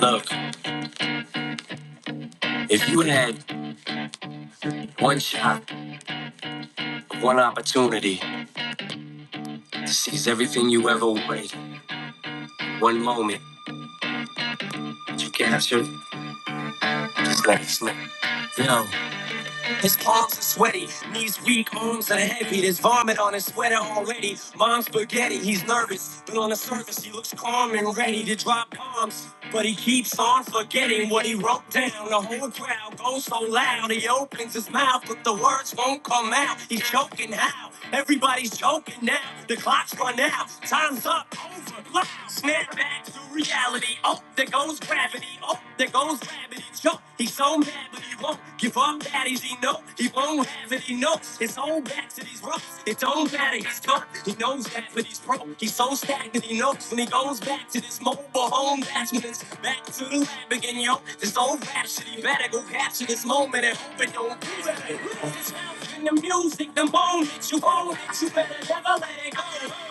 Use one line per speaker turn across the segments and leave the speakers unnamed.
Look, if you had one shot, one opportunity to seize everything you ever wanted, one moment you captured, just let it slip. Yo, His palms are sweaty, knees weak, arms are heavy. There's vomit on his sweater already. Mom's spaghetti, he's nervous, but on the surface, he looks calm and ready to drop bombs. But he keeps on forgetting what he wrote down. The whole crowd goes so loud, he opens his mouth, but the words won't come out. He's choking how? Everybody's choking now. The clock's run out, time's up. Over over. Loud. Snap back to reality. Oh, there goes gravity. Oh, there goes gravity. Joe, he's so mad, but he won't give up. Daddies, he know he won't have it. He knows his own back to these ropes. It don't matter. He's done. He knows that, but he's broke. He's so stagnant. He knows when he goes back to this mobile home. That's when it's back to the lab again, yo. This old rhapsody better go capture this moment and hope it don't do that. It's in the music, the moment you own it, you better never let it go.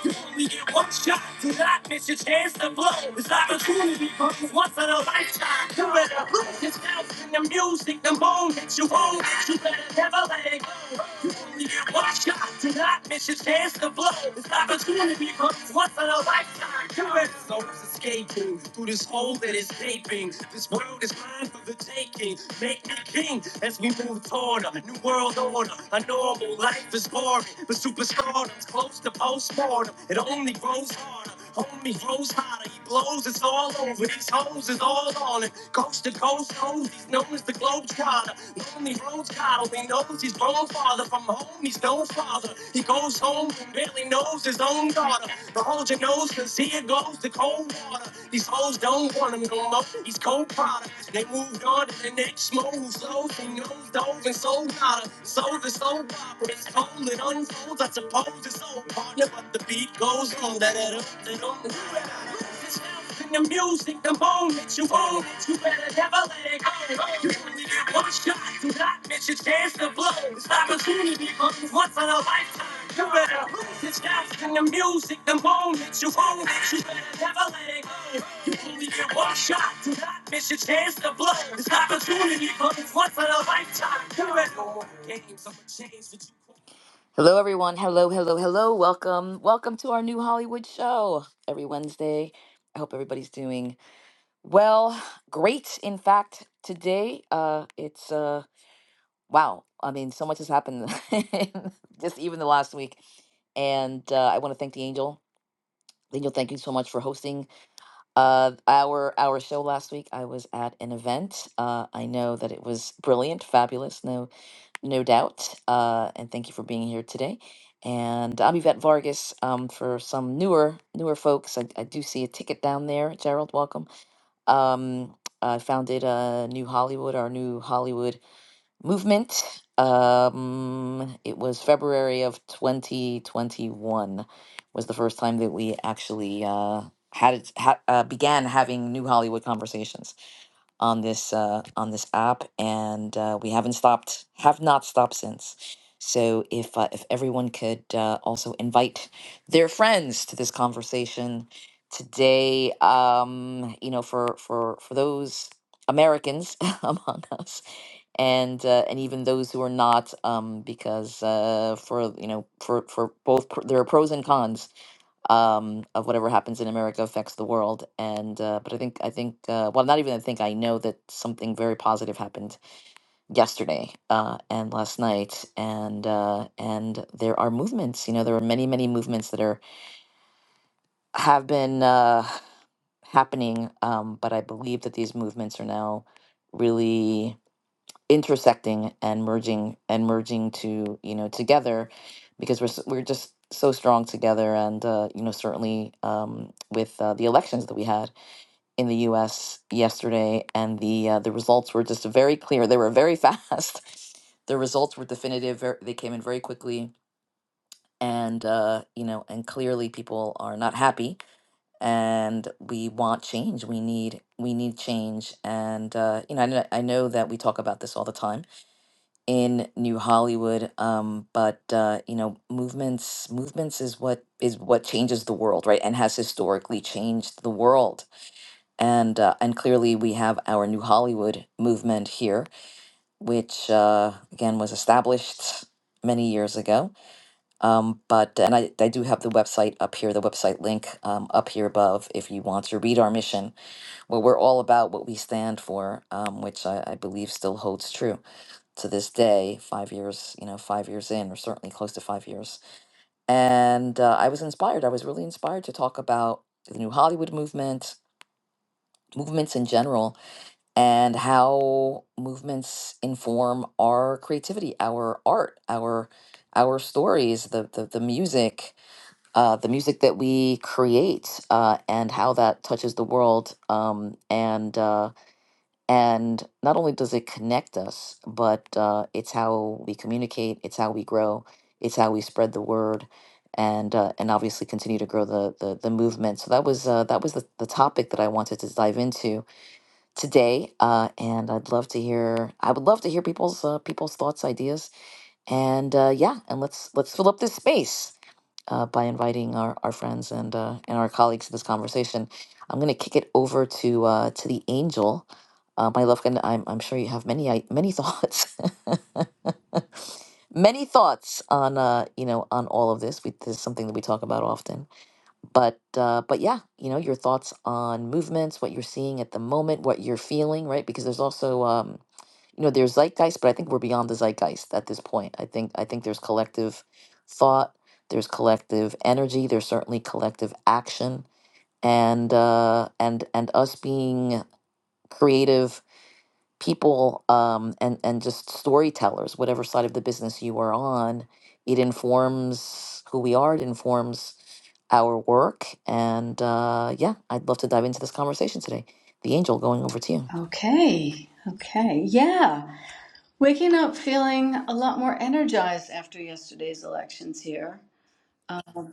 You only get one shot, do not miss your chance to blow. This opportunity comes once in a lifetime. You better lose yourself in the music, the moment you own it, you better never let it go. You only get one shot, do not miss your chance to blow. This opportunity comes once in a lifetime. You better so escaping. through this this hole that is shaping. This world is mine for the taking. Make me king as we move toward a new world order. A normal life is boring, but superstardom's close to postmortem. It only grows harder. Homie grows hotter, he blows, it's all over. These hoes is all on it. Coast to coast, hoes, he's known as the Globetrotter. Lonely roads, God only knows he's grown farther from home, he's no father. He goes home, barely knows his own daughter. But hold your nose, cause here goes the cold water. These hoes don't want him no more. He's cold product. They moved on to the next move. So he knows dove and sold out her. Sold the soul opera. It's cold, it unfolds. I suppose it's old partner, but the beat goes on. That that up, that on. the the music, the moment you own it, you better never let it go. You only get one shot, do not miss your chance to blow. This opportunity comes once in a lifetime. You better lose it, stop in the music, the moment you own it, you better never let it go. You only get one shot, do not miss your chance to blow. This opportunity comes once in a lifetime. You better games, I'm a change that you Hello, everyone. Hello, hello, hello. Welcome. Welcome to our new Hollywood show every Wednesday. I hope everybody's doing well. Great. In fact, today, uh, it's, uh, wow. I mean, so much has happened just even the last week. And uh, I want to thank the Angel. The Angel, thank you so much for hosting uh, our our show last week. I was at an event. Uh, I know that it was brilliant, fabulous. No no doubt. Uh, and thank you for being here today. And I'm Yvette Vargas. Um, for some newer newer folks, I, I do see a ticket down there. Gerald, welcome. Um, I founded uh, New Hollywood, our New Hollywood movement. Um, it was February of 2021 was the first time that we actually uh, had it ha- uh, began having New Hollywood conversations on this uh, on this app, and uh, we haven't stopped, have not stopped since. So if uh, if everyone could uh, also invite their friends to this conversation today, um, you know, for for for those Americans among us, and uh, and even those who are not, um, because uh, for you know for for both pr- there are pros and cons um, of whatever happens in America affects the world. And uh, but I think I think uh, well, not even I think I know that something very positive happened yesterday uh, and last night. And uh, and there are movements. You know, there are many many movements that are have been uh, happening. Um, but I believe that these movements are now really intersecting and merging and merging to you know together because we're s- we're just so strong together and uh, you know certainly um, with uh, the elections that we had in the U.S. yesterday and the uh, the results were just very clear they were very fast the results were definitive ver- they came in very quickly and uh, you know and clearly people are not happy and we want change we need we need change and uh, you know I, kn- I know that we talk about this all the time in New Hollywood. Um, but uh, you know, movements movements is what is what changes the world, right? And has historically changed the world. And uh, and clearly, we have our New Hollywood movement here, which uh, again was established many years ago. Um, but and I, I do have the website up here, the website link um, up here above, if you want to read our mission what we're all about, what we stand for, um, which I, I believe still holds true to this day, five years, you know, five years in, or certainly close to five years. And uh, I was inspired. I was really inspired to talk about the new Hollywood movement, movements in general, and how movements inform our creativity, our art, our our stories, the the, the music, uh, the music that we create, uh, and how that touches the world. Um, and Uh, and not only does it connect us, but uh, it's how we communicate, it's how we grow, it's how we spread the word, and uh, and obviously continue to grow the the, the movement. So that was uh, that was the, the topic that I wanted to dive into today, uh, and I'd love to hear I would love to hear people's uh, people's thoughts, ideas, and uh, yeah, and let's let's fill up this space uh, by inviting our, our friends and uh, and our colleagues to this conversation. I'm going to kick it over to uh, to the angel, uh, my love. And I'm I'm sure you have many i- many thoughts, many thoughts on uh, you know on all of this. We, this is something that we talk about often, but uh, but yeah, you know your thoughts on movements, what you're seeing at the moment, what you're feeling, right? Because there's also um, you know there's zeitgeist but i think we're beyond the zeitgeist at this point i think i think there's collective thought there's collective energy there's certainly collective action and uh and and us being creative people um and and just storytellers whatever side of the business you are on it informs who we are it informs our work and uh yeah i'd love to dive into this conversation today the angel going over to you
Okay. Okay. Yeah. Waking up feeling a lot more energized after yesterday's elections here.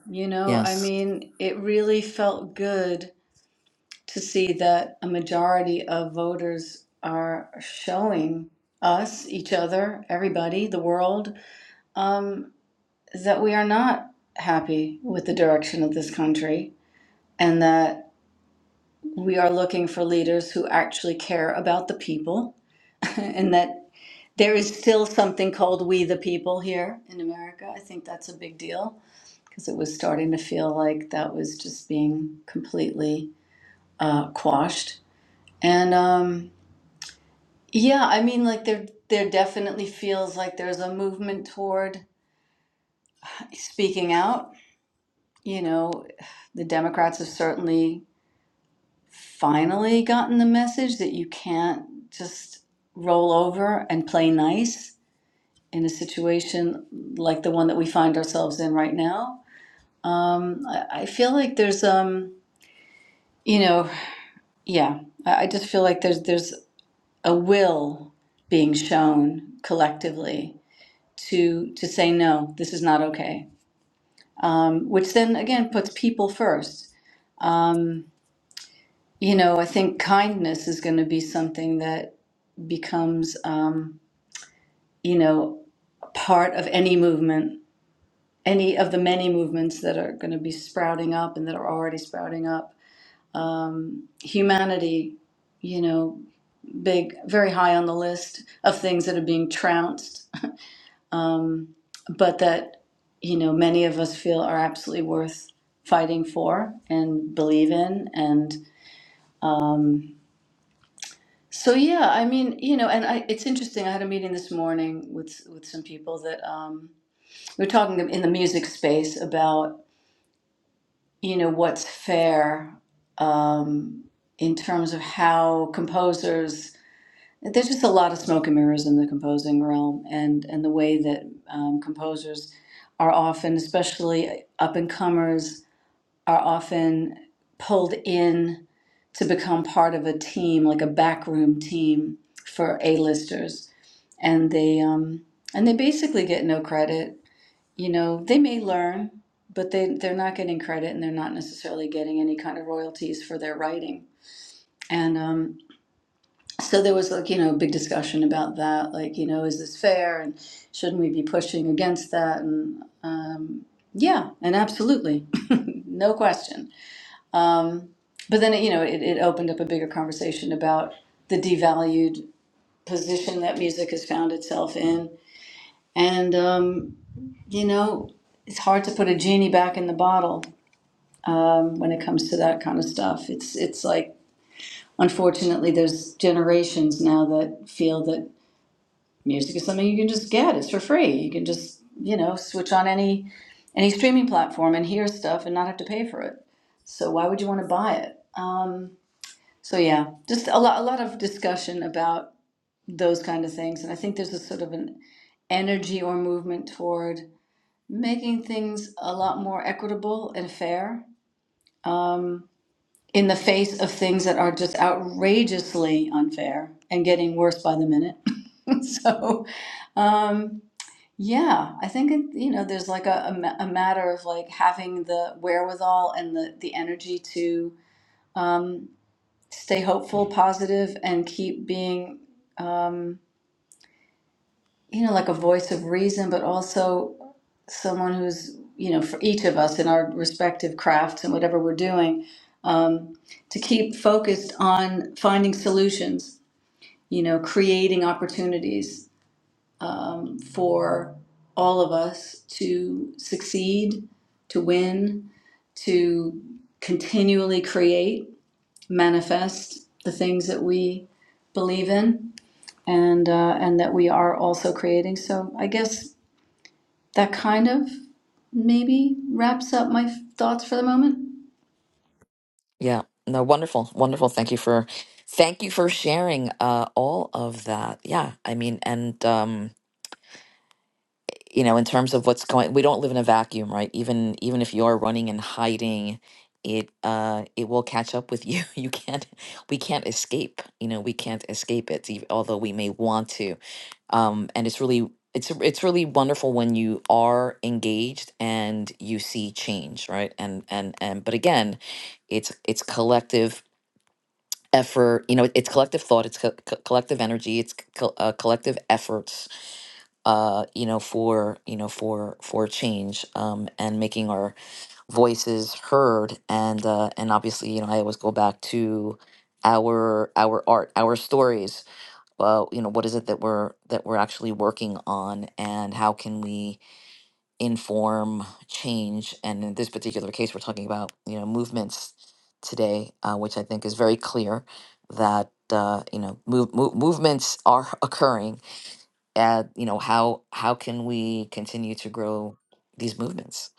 You know, I
yes
mean, it really felt good to see that a majority of voters are showing us, each other, everybody, the world, um, that we are not happy with the direction of this country and that we are looking for leaders who actually care about the people and that There is still something called We the People here in America. I think that's a big deal because it was starting to feel like that was just being completely uh, quashed. And um, yeah, I mean, like there, there definitely feels like there's a movement toward speaking out. You know, the Democrats have certainly finally gotten the message that you can't just roll over and play nice in a situation like the one that we find ourselves in right now. Um, I, I feel like there's, um, you know, yeah, I, I just feel like there's there's a will being shown collectively to to say no, this is not okay, um, which then again puts people first. Um, you know, I think kindness is going to be something that becomes, um, you know, part of any movement any of the many movements that are going to be sprouting up and that are already sprouting up. Um, humanity, you know, big, very high on the list of things that are being trounced, um, but that, you know, many of us feel are absolutely worth fighting for and believe in. And um, so, yeah, I mean, you know, and I, it's interesting. I had a meeting this morning with, with some people that um, we were talking in the music space about you know what's fair um, in terms of how composers there's just a lot of smoke and mirrors in the composing realm and and the way that um, composers are often especially up and comers are often pulled in to become part of a team like a backroom team for a-listers and they um, and they basically get no credit you know, they may learn, but they they're not getting credit and they're not necessarily getting any kind of royalties for their writing. And um, so there was like you know a big discussion about that, like you know, is this fair and shouldn't we be pushing against that? And yeah, and absolutely, no question. But then you know it, it opened up a bigger conversation about the devalued position that music has found itself in, and um, you know it's hard to put a genie back in the bottle when it comes to that kind of stuff. It's it's like unfortunately there's generations now that feel that music is something you can just get. It's for free. You can just, you know, switch on any any streaming platform and hear stuff and not have to pay for it. So why would you want to buy it? Um, so yeah, just a lot a lot of discussion about those kind of things and I think there's a sort of an energy or movement toward making things a lot more equitable and fair Um, in the face of things that are just outrageously unfair and getting worse by the minute. so, um, yeah, I think it, you know there's like a, a, ma- a matter of like having the wherewithal and the the energy to um, stay hopeful, positive, and keep being um, you know like a voice of reason, but also someone who's you know for each of us in our respective crafts and whatever we're doing to keep focused on finding solutions you know, creating opportunities for all of us to succeed, to win, to continually create, manifest the things that we believe in and uh, and that we are also creating. So I guess that kind of maybe wraps up my thoughts for the moment.
Yeah. No, wonderful. Wonderful. Thank you for thank you for sharing uh all of that. Yeah. I mean, and um, you know, in terms of what's going we don't live in a vacuum, right? Even even if you are running and hiding, it uh it will catch up with you. You can't we can't escape. You know, we can't escape it, ev- although we may want to. Um, and it's really it's it's really wonderful when you are engaged and you see change, right? And and and but again, it's it's collective effort you know it- it's collective thought it's co- co- collective energy it's co- uh, collective efforts uh you know for you know for for change um and making our voices heard and uh and obviously you know i always go back to our our art our stories well you know what is it that we're that we're actually working on and how can we inform change. And in this particular case, we're talking about you know movements today, uh, which I think is very clear that uh, you know move, move, movements are occurring. And you know how how can we continue to grow these movements?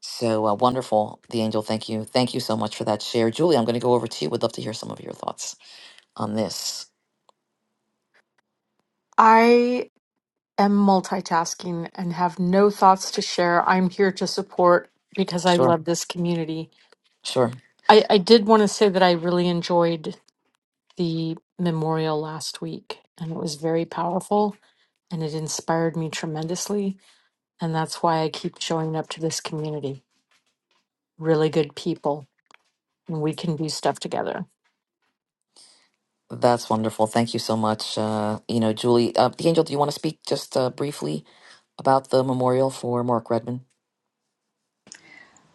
So uh, wonderful, the angel. Thank you, thank you so much for that share, Julie. I'm going to go over to you. Would love to hear some of your thoughts on this.
I am multitasking and have no thoughts to share. I'm here to support because I
Sure,
love this community.
sure.
I, I did want to say that I really enjoyed the memorial last week and it was very powerful and it inspired me tremendously. And that's why I keep showing up to this community. Really good people, and we can do stuff together.
That's wonderful. Thank you so much. Uh, you know, Julie, uh, the angel. Do you want to speak just uh, briefly? about the memorial for Mark Redman.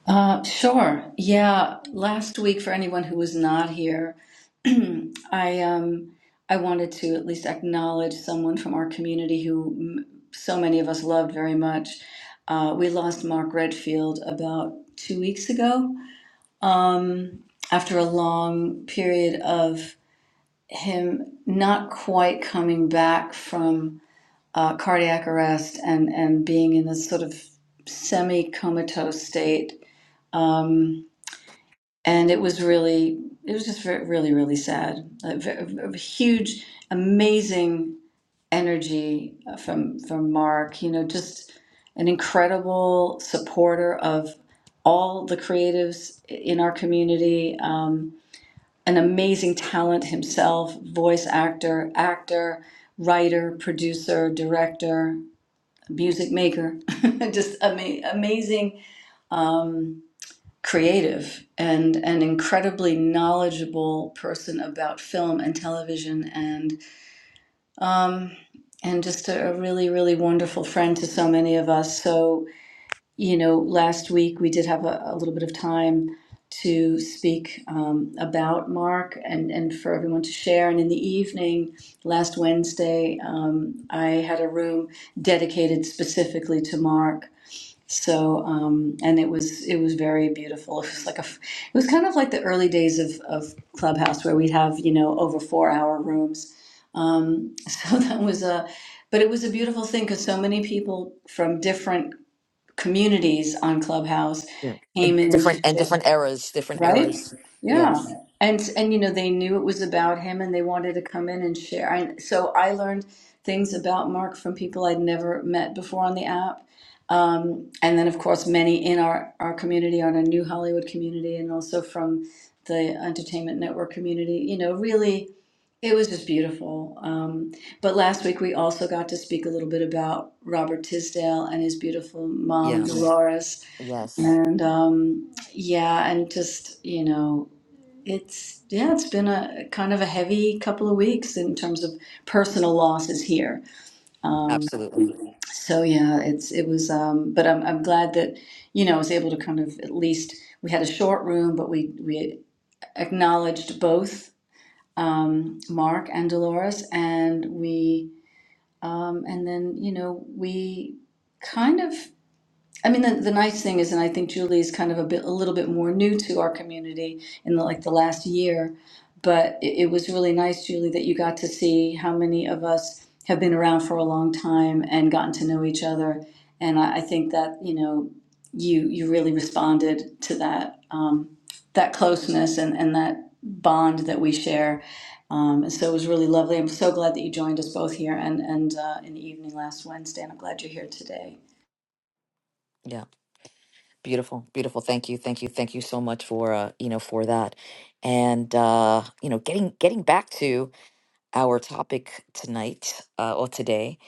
Uh, sure. Yeah. Last week, for anyone who was not here, I um, I wanted to at least acknowledge someone from our community who m- so many of us loved very much. Uh, we lost Mark Redfield about two weeks ago. Um, after a long period of him not quite coming back from uh, cardiac arrest and and being in this sort of semi comatose state. Um and it was really it was just re- really really sad a, v- a huge amazing energy uh, from from mark you know just an incredible supporter of all the creatives in our community um, an amazing talent himself voice actor actor writer producer director music maker just ama- amazing Um, creative and an incredibly knowledgeable person about film and television and um, and just a, a really really wonderful friend to so many of us so you know last week we did have a, a little bit of time to speak um, about mark and and for everyone to share and in the evening last wednesday um, i had a room dedicated specifically to mark so, um, and it was it was very beautiful. It was like a, f- it was kind of like the early days of of Clubhouse where we'd have you know over four hour rooms. Um, so that was a, but it was a beautiful thing because so many people from different communities on Clubhouse
Yeah. And
came in to
different and
share.
different eras, different
Right?
eras.
Yeah.
Yes.
And and you know they knew it was about him and they wanted to come in and share. I, so I learned things about Mark from people I'd never met before on the app. Um, and then of course many in our our community on a new Hollywood community and also from the entertainment network community. You know, really it was just beautiful. Um, but last week we also got to speak a little bit about Robert Tisdale and his beautiful mom
Yes.
Dolores
Yes.
and um, yeah, and just, you know, it's, yeah, it's been a kind of a heavy couple of weeks in terms of personal losses here. Um,
Absolutely.
so yeah, it's, it was, um, but I'm, I'm glad that, you know, I was able to kind of at least, we had a short room, but we, we acknowledged both um, Mark and Dolores, and we, um, and then, you know, we kind of I mean, the, the nice thing is, and I think Julie is kind of a bit, a little bit more new to our community in the, like the last year, but it, it was really nice, Julie, that you got to see how many of us have been around for a long time and gotten to know each other. And I, I think that, you know, you, you really responded to that, um, that closeness and, and that bond that we share. Um, and so it was really lovely. I'm so glad that you joined us both here and, and uh, in the evening last Wednesday, and I'm glad you're here today.
Yeah. Beautiful. Beautiful. Thank you. Thank you. Thank you so much for uh, you know, for that. And uh, you know, getting getting back to our topic tonight uh, or today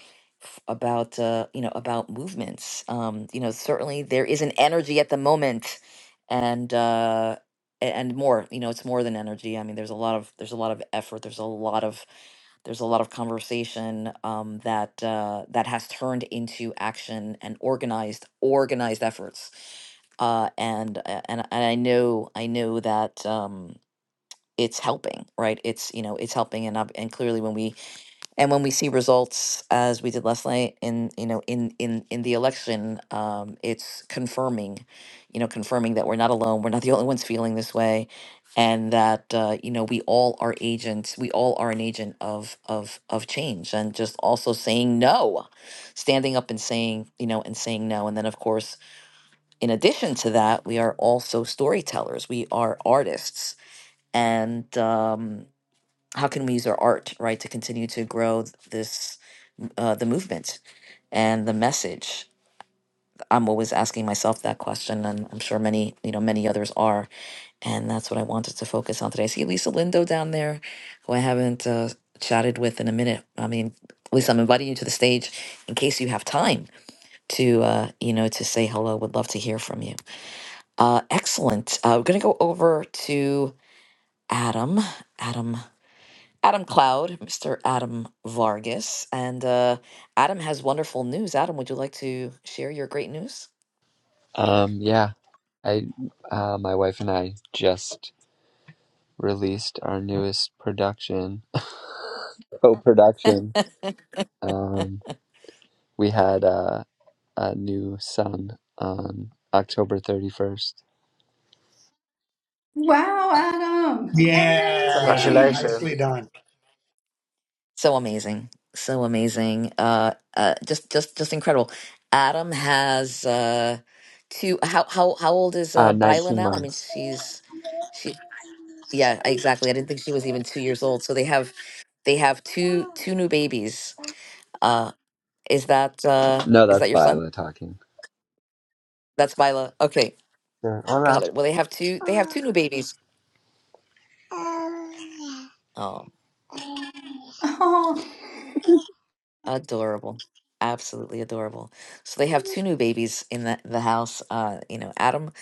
f- about uh, you know about movements. Um, you know, certainly there is an energy at the moment, and uh, a- and more. You know, it's more than energy. I mean, there's a lot of there's a lot of effort. There's a lot of there's a lot of conversation um, that uh, that has turned into action and organized organized efforts. Uh, and uh, and and I know I know that. Um, it's helping right it's you know it's helping and up and clearly when we and when we see results as we did last night in you know in in in the election um it's confirming you know confirming that we're not alone we're not the only ones feeling this way and that uh, you know we all are agents we all are an agent of of of change and just also saying no standing up and saying you know and saying no and then of course in addition to that we are also storytellers we are artists and um how can we use our art right to continue to grow th- this uh, the movement and the message i'm always asking myself that question and i'm sure many you know many others are and that's what i wanted to focus on today i see lisa lindo down there who i haven't uh, chatted with in a minute i mean lisa i'm inviting you to the stage in case you have time to uh, you know to say hello would love to hear from you uh, excellent uh, we're going to go over to adam adam Adam Cloud, Mr. Adam Vargas. And uh, Adam has wonderful news. Adam, would you like to share your great news?
Um, yeah, I, uh, my wife and I just released our newest production, co-production. Um, we had uh, a new son on October 31st.
Wow, Adam.
It's
Yeah,
amazing.
Amazing.
Congratulations.
nicely done.
So amazing. So amazing. Uh, uh, just, just, just incredible. Adam has uh, two. How, how, how old is uh,
Uh,
Byla
19
now? I mean,
months.
she's, she, yeah, exactly. I didn't think she was even two years old. So they have, they have two, two new babies. Uh, is that, uh,
No,
is
that's
that your son?
Viola talking.
That's Byla. Okay,
Yeah, Hola.
got it. Well, they have two, they have two new babies. Oh,
Oh.
adorable. Absolutely adorable. So they have two new babies in the, the house. Uh, you know, Adam,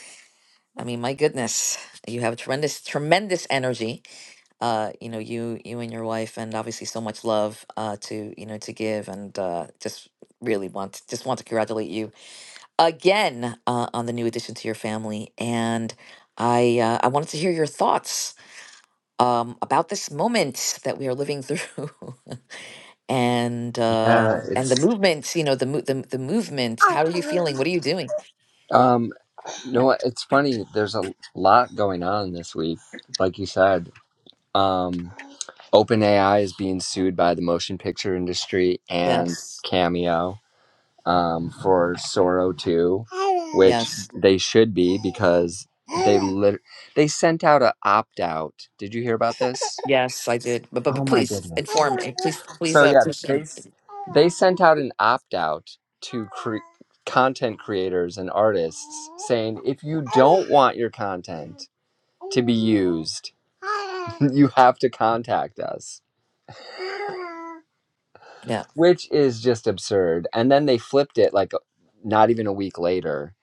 I mean, my goodness, you have tremendous, tremendous energy. Uh, you know, you you and your wife and obviously so much love uh to, you know, to give and uh just really want just want to congratulate you again uh, on the new addition to your family. And I uh, I wanted to hear your thoughts um about this moment that we are living through. and uh
Yeah,
and the
it's
movements you know the mo- the, the movements how are you feeling what are you doing
um, you know what? It's funny. There's a lot going on this week, like you said. Um, OpenAI is being sued by the motion picture industry and
yes
Cameo um, for Soro 2, which
yes
they should be because they lit- they sent out a opt out. Did you hear about this?
yes i did but but,
Oh
but
my
please
goodness.
inform me please please
So
uh
yeah,
please
they
share.
s- they sent out an opt out to cre- content creators and artists saying if you don't want your content to be used. you have to contact us,
yeah
which is just absurd. And then they flipped it like not even a week later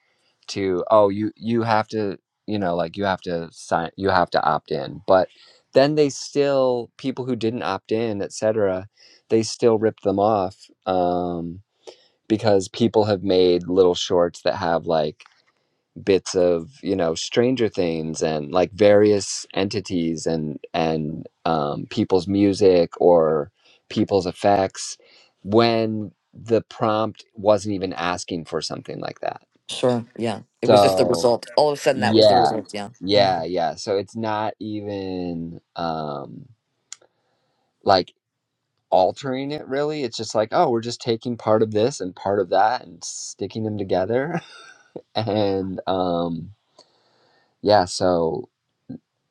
to oh you you have to you know like you have to sign you have to opt in. But then they still people who didn't opt in, etc. They still ripped them off um, because people have made little shorts that have like bits of you know stranger things and like various entities and and um, people's music or people's effects when the prompt wasn't even asking for something like that
sure yeah it was just the
so
result all of a sudden that was the
yeah
result yeah
yeah
mm-hmm.
yeah so it's not even um like altering it really it's just like oh we're just taking part of this and part of that and sticking them together and um yeah so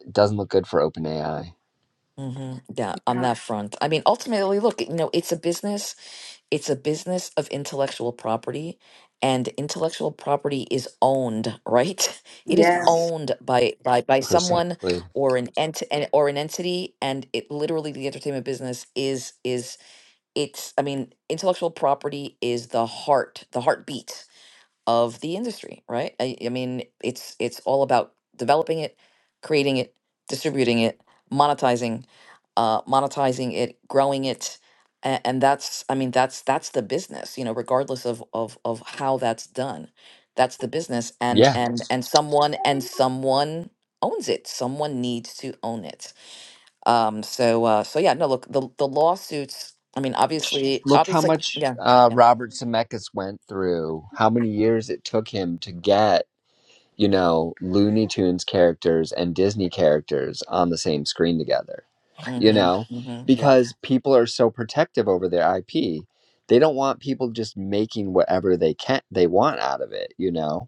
It doesn't look good for OpenAI.
Mm-hmm. yeah on that front i mean ultimately look you know it's a business It's a business of intellectual property, and intellectual property is owned, right? It is
Yes.
owned by by by someone
Precisely.
or an ent and- or an entity, and it literally the entertainment business is is it's I mean, intellectual property is the heart, the heartbeat of the industry, right? I, I mean, it's it's all about developing it, creating it, distributing it, monetizing, uh, monetizing it, growing it, and, and that's I mean that's that's the business, you know, regardless of of of how that's done, that's the business, and
Yeah.
and and someone and someone owns it. Someone needs to own it. Um. So uh. So yeah. No. Look. The the lawsuits. I mean, obviously,
Look how
obviously,
much
yeah,
uh,
yeah.
Robert Zemeckis went through. How many years it took him to get you know Looney Tunes characters and Disney characters on the same screen together. You
Mm-hmm.
know,
Mm-hmm. Yeah.
because people are so protective over their IP. They don't want people just making whatever they can they want out of it, you know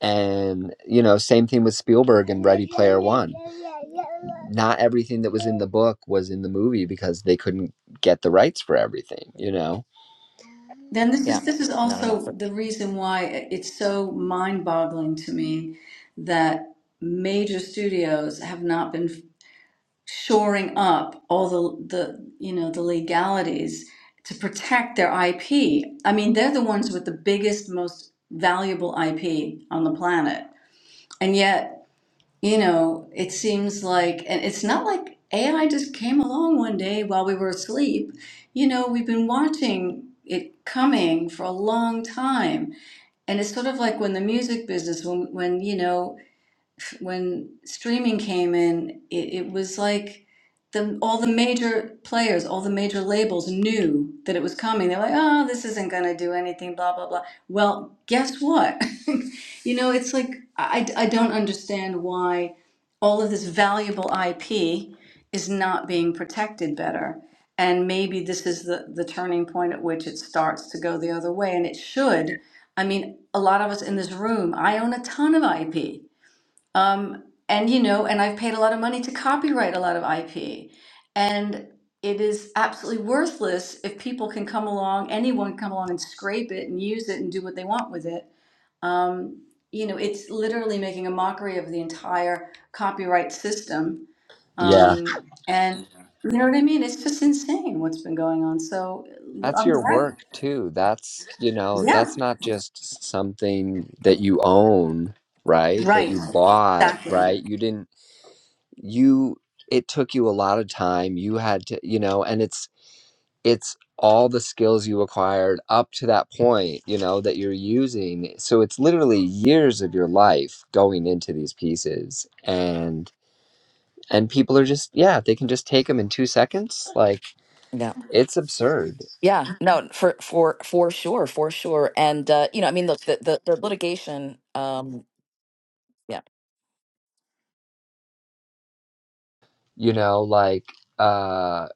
And, you know, same thing with Spielberg and Ready Player One. Not everything that was in the book was in the movie because they couldn't get the rights for everything, you know?
Then this
Yeah.
is this is
not enough.
also
For,
the reason why it's so mind-boggling to me that major studios have not been shoring up all the the you know the legalities to protect their IP. I mean, they're the ones with the biggest, most valuable IP on the planet. And yet You know, it seems like, and it's not like AI just came along one day while we were asleep. You know, we've been watching it coming for a long time. And it's sort of like when the music business, when, when, you know, when streaming came in, it, it was like the all the major players, all the major labels knew that it was coming. They're like, oh, this isn't going to do anything, blah, blah, blah. Well, guess what? you know, it's like, I, I don't understand why all of this valuable IP is not being protected better. And maybe this is the, the turning point at which it starts to go the other way, and it should. I mean, a lot of us in this room, I own a ton of IP. Um, and you know, and I've paid a lot of money to copyright a lot of IP. And it is absolutely worthless if people can come along, anyone can come along and scrape it and use it and do what they want with it. Um, you know, it's literally making a mockery of the entire copyright system.
Yeah.
Um, and you know what I mean? It's just insane what's been going on. So
That's
I'm
your
glad.
work too. That's, you know,
Yeah,
that's not just something that you own, right? That
right.
you bought,
Exactly.
right? You didn't, you, it took you a lot of time. You had to, you know, and it's, it's all the skills you acquired up to that point, you know, that you're using. So it's literally years of your life going into these pieces and and people are just yeah, they can just take them in 2 seconds. Like
yeah.
it's absurd.
Yeah. No, for for for sure, for sure. And uh, you know, I mean, look, the the, the litigation. Um, yeah.
You know, like uh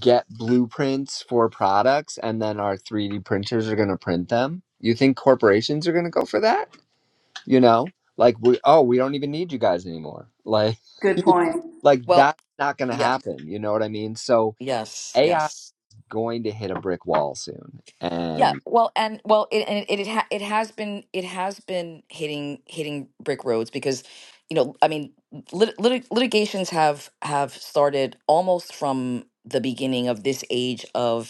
get blueprints for products and then our 3D printers are going to print them. You think corporations are going to go for that? You know? Like we oh, we don't even need you guys anymore. Like.
Good point.
like
Well,
that's not going to
yeah.
happen you know what i mean so
Yes.
ai is
Yes.
going to hit a brick wall soon
Yeah.
and
Well, and well, it and it it, ha it has been it has been hitting hitting brick roads because, you know, I mean, lit, lit, litigations have have started almost from the beginning of this age of.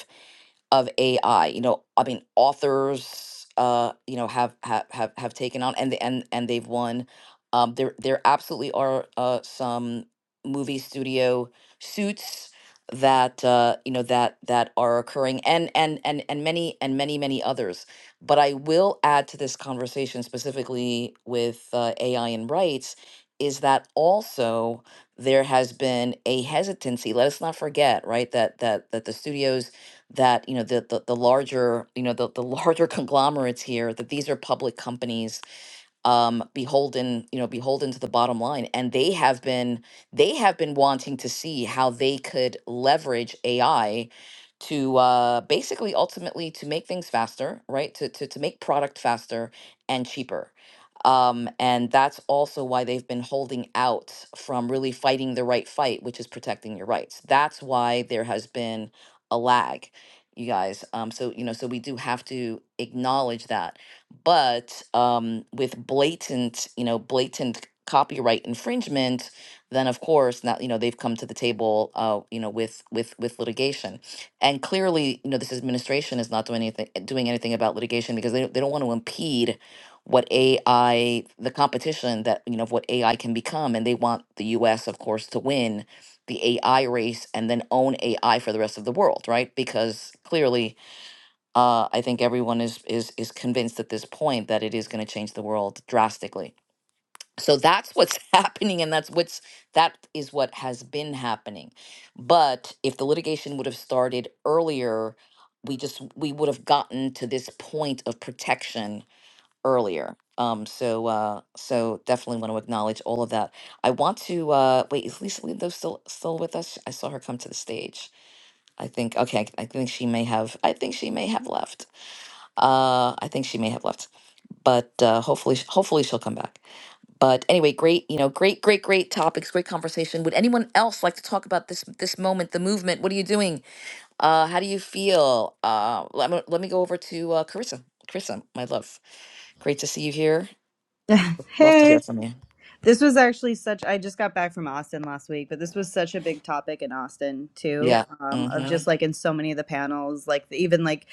of AI. You know, I mean, authors, uh, you know, have have have, have taken on and and and they've won. Um, there there absolutely are uh, some movie studio suits that uh, you know that that are occurring and and and and many and many many others. But I will add to this conversation specifically with uh, AI and rights is that also there has been a hesitancy let us not forget right that that that the studios that you know the the, the larger you know the, the larger conglomerates here that these are public companies um beholden you know beholden to the bottom line and they have been they have been wanting to see how they could leverage ai to uh basically ultimately to make things faster right to to, to make product faster and cheaper um and that's also why they've been holding out from really fighting the right fight which is protecting your rights that's why there has been a lag you guys um so you know so we do have to acknowledge that but um, with blatant, you know, blatant copyright infringement, then of course now you know they've come to the table, uh, you know, with with with litigation, and clearly you know this administration is not doing anything doing anything about litigation because they don't- they don't want to impede what AI the competition that you know of what AI can become, and they want the U.S. of course to win the AI race and then own AI for the rest of the world, right? Because clearly uh, I think everyone is is is convinced at this point that it is going to change the world drastically. So that's what's happening, and that's what's that is what has been happening. But if the litigation would have started earlier, we just we would have gotten to this point of protection earlier. Um, so uh, so definitely want to acknowledge all of that. I want to uh, wait. Is Lisa Lindo still still with us? I saw her come to the stage. I think okay. I think she may have. I think she may have left. Uh, I think she may have left, but uh, hopefully, hopefully she'll come back. But anyway, great, you know, great, great, great topics, great conversation. Would anyone else like to talk about this this moment, the movement? What are you doing? Uh, how do you feel? Uh, let me let me go over to uh, Carissa. Carissa, my love, great to see you here. Love to
hey,
hear from you.
this was actually such. I just got back from Austin last week, but this was such a big topic in Austin too.
Yeah.
Um, of
Mm-hmm.
just like in so many of the panels, like even like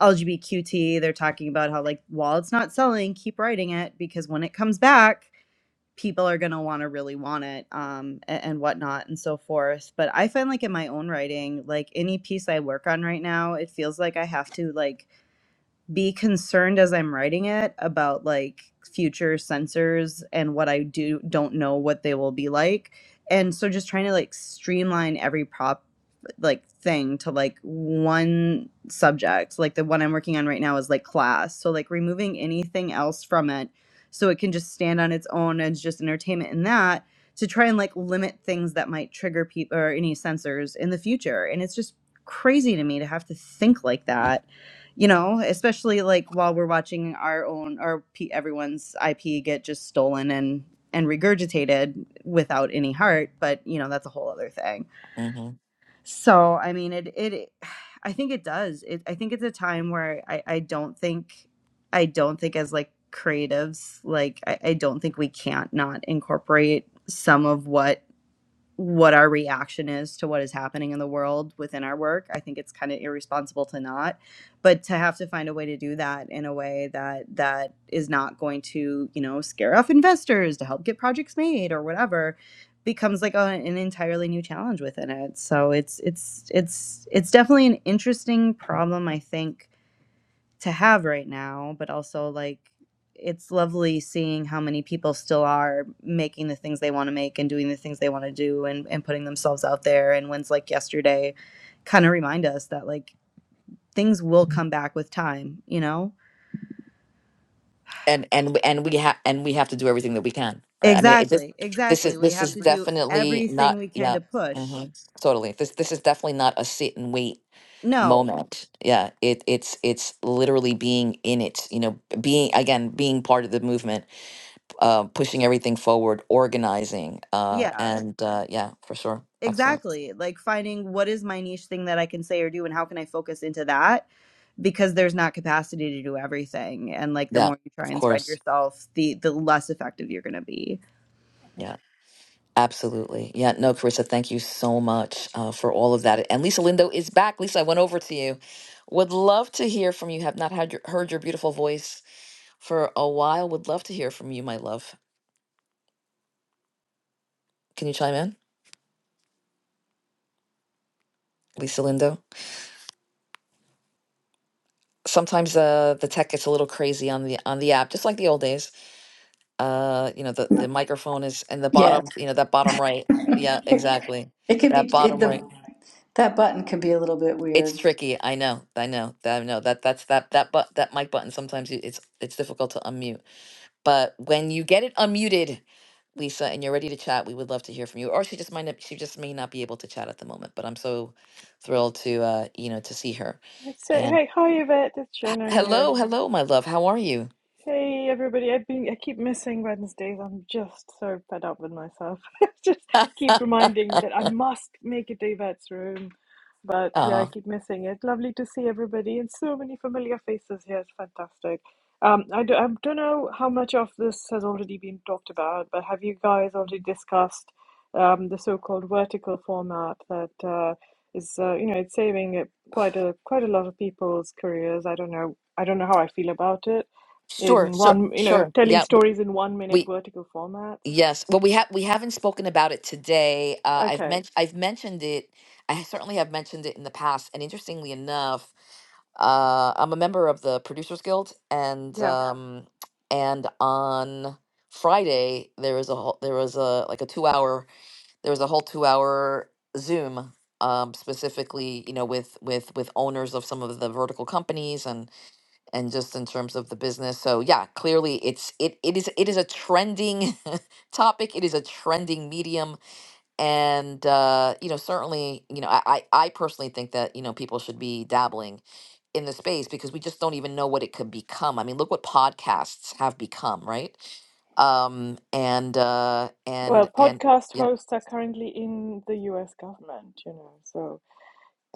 LGBTQT, they're talking about how like while it's not selling, keep writing it because when it comes back, people are gonna want to really want it, um, and, and whatnot and so forth. But I find like in my own writing, like any piece I work on right now, it feels like I have to like be concerned as I'm writing it about like future sensors and what I do don't know what they will be like. And so just trying to like streamline every prop like thing to like one subject. Like the one I'm working on right now is like class. So like removing anything else from it so it can just stand on its own as just entertainment in that to try and like limit things that might trigger people or any sensors in the future. And it's just crazy to me to have to think like that you know especially like while we're watching our own or pe- everyone's ip get just stolen and and regurgitated without any heart but you know that's a whole other thing
Mm-hmm.
so i mean it it i think it does it, i think it's a time where i i don't think i don't think as like creatives like I, I don't think we can't not incorporate some of what what our reaction is to what is happening in the world within our work. I think it's kind of irresponsible to not, but to have to find a way to do that in a way that that is not going to, you know, scare off investors to help get projects made or whatever becomes like a, an entirely new challenge within it. So it's it's it's it's definitely an interesting problem I think to have right now, but also like it's lovely seeing how many people still are making the things they want to make and doing the things they want to do and, and putting themselves out there. And wins like yesterday kind of remind us that like things will come back with time, you know?
and and and we have and we have to do everything that we can right i mean it, this
Exactly,
this
exactly.
is
We
this
have
is
to do
definitely
everything
not
we can
yeah
to push.
hmm totally this this is definitely not a sit and wait
No,
moment yeah it it's it's literally being in it you know being again being part of the movement uh pushing everything forward organizing uh
yeah,
and uh yeah for sure excellent
Exactly. Like finding what is my niche thing that I can say or do and how can I focus into that because there's not capacity to do everything and like the
yeah
more you try
of
and spread
course
yourself, the the less effective you're going to be.
Yeah. Absolutely. Yeah, no, Carissa, thank you so much uh, for all of that. And Lisa Lindo is back. Lisa, I went over to you. Would love to hear from you. Have not had your, heard your beautiful voice for a while. Would love to hear from you, my love. Can you chime in, Lisa Lindo? Sometimes uh, the tech gets a little crazy on the on the app, just like the old days. Uh, you know, the, the microphone is in the
Yes.
bottom, you know, that bottom right. Yeah,
It
exactly.
could be
That
it,
bottom right.
the That button can be a little bit
It's
weird.
tricky. I know. I know. I know that that's that that but that mic button sometimes it- it's it's difficult to unmute. But when you get it unmuted, Lisa, and you're ready to chat, we would love to hear from you. Or she just might not, she just may not be able to chat at the moment. But I'm so thrilled to uh, you know, to see her.
So,
And
hey, hi Yvette, it's Shona here.
hello, hello, my love. How are you?
Hey everybody, I've been I keep missing Wednesdays. I'm just so fed up with myself. Just keep reminding that I must make it to Yvette's room. But yeah, I
Uh
keep missing it. Lovely to see everybody and so many familiar faces here. It's fantastic. Um, I do, I don't know how much of this has already been talked about, but have you guys already discussed um, the so-called vertical format that uh, is uh, you know it's saving uh, quite a quite a lot of people's careers. I don't know I don't know how I feel about it
sure,
in
sure,
one, you know,
sure.
telling
Yeah, w-
stories in one minute
we
vertical formats.
Yes. Well, we have we haven't spoken about it today. Uh, I've
Okay,
men- I've mentioned it. I certainly have mentioned it in the past. And interestingly enough, uh, I'm a member of the Producers Guild, and
yeah.
Yeah. um, and on Friday there was a whole, there was a like a two hour there was a whole two hour Zoom um, specifically you know with with with owners of some of the vertical companies and just in terms of the business. So yeah, clearly it's it it is it is a trending topic. It is a trending medium, and uh, you know certainly you know I I I personally think that you know people should be dabbling in the space because we just don't even know what it could become. I mean, look what podcasts have become, right? Um, and uh,
Well,
and and
podcast
yeah.
hosts are currently in the US government, you know, so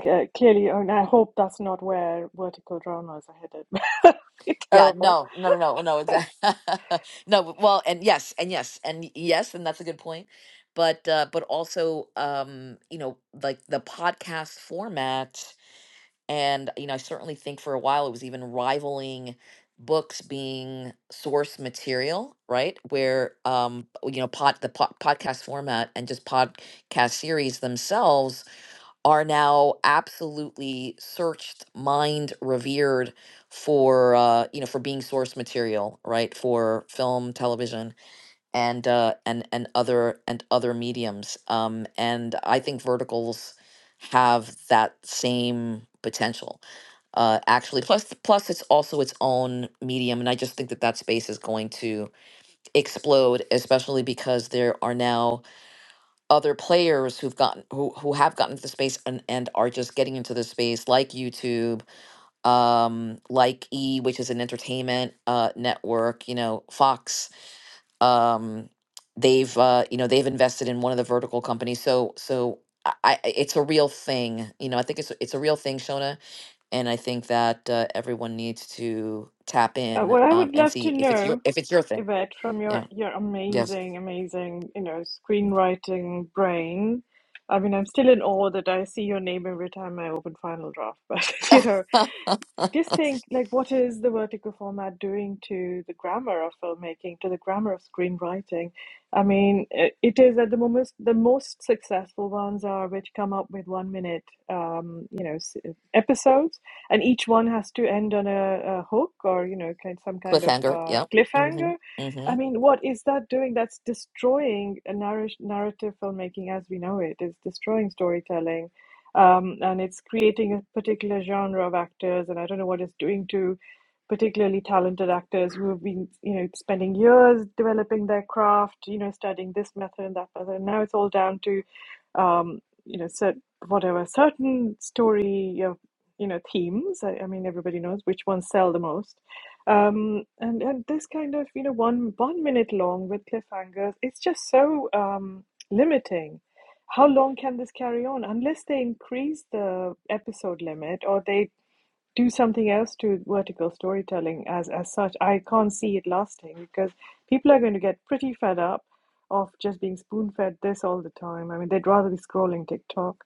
uh, clearly, oh, and I hope that's not where vertical dramas are headed.
Yeah,
Terrible.
no, no, no, no, no, exactly. No, well, and yes, and yes, and yes, and that's a good point. But uh but also um, you know, like the podcast format and you know, I certainly think for a while it was even rivaling books being source material, right? Where um you know, pod the po podcast format and just podcast series themselves are now absolutely searched, mined, revered for uh, you know for being source material, right? For film, television, and uh, and and other and other mediums. Um, and I think verticals have that same potential. Uh, actually, plus plus it's also its own medium, and I just think that that space is going to explode, especially because there are now other players who've gotten who who have gotten into the space and, and are just getting into the space like YouTube, um, like E, which is an entertainment uh network, you know, Fox. Um they've uh you know they've invested in one of the vertical companies. So so I, I it's a real thing. You know, I think it's it's a real thing, Shona. And I think that uh, everyone needs to tap
Uh,
in
what I
um
would
and
love to
see if it's your
know,
if it's your thing.
Yvette, from your,
Yeah.
your
Yes.
amazing, amazing, you know, screenwriting brain. I mean, I'm still in awe that I see your name every time I open Final Draft, but, you know, just think like what is the vertical format doing to the grammar of filmmaking to the grammar of screenwriting i mean it is at the moment the most successful ones are which come up with one minute um, you know episodes and each one has to end on a, a hook or you know kind some kind of
Cliffhanger.
uh,
Yep. Mm-hmm.
cliffhanger
Mm-hmm.
i mean what is that doing that's destroying a narr- narrative filmmaking as we know it. it is destroying storytelling um, and it's creating a particular genre of actors and i don't know what it's doing to particularly talented actors who have been you know spending years developing their craft you know studying this method and that method and now it's all down to um, you know certain whatever certain story of you know themes I, I mean everybody knows which ones sell the most um, and and this kind of you know one one minute long with cliffhangers it's just so um, limiting how long can this carry on? Unless they increase the episode limit or they do something else to vertical storytelling as as such, I can't see it lasting because people are going to get pretty fed up of just being spoon fed this all the time. I mean, they'd rather be scrolling TikTok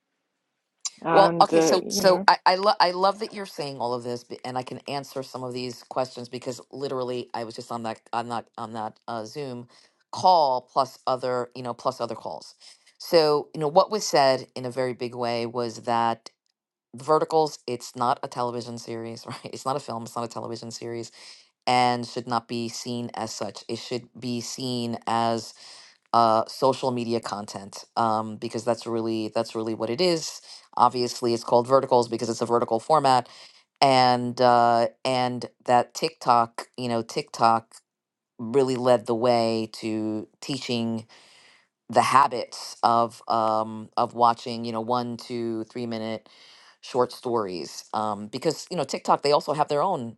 Well,
and
okay,
uh,
so
you know.
so I I, lo- I love that you're saying all of this, b- and I can answer some of these questions because literally I was just on that on that on that uh, Zoom call plus other you know plus other calls. So you know what was said in a very big way was that Verticals it's not a television series, right? It's not a film, it's not a television series, and should not be seen as such. It should be seen as uh, social media content um, because that's really that's really what it is. Obviously, it's called verticals because it's a vertical format, and uh, and that TikTok, you know, TikTok really led the way to teaching the habits of um, of watching, you know, one, two, three minute short stories um, because you know TikTok they also have their own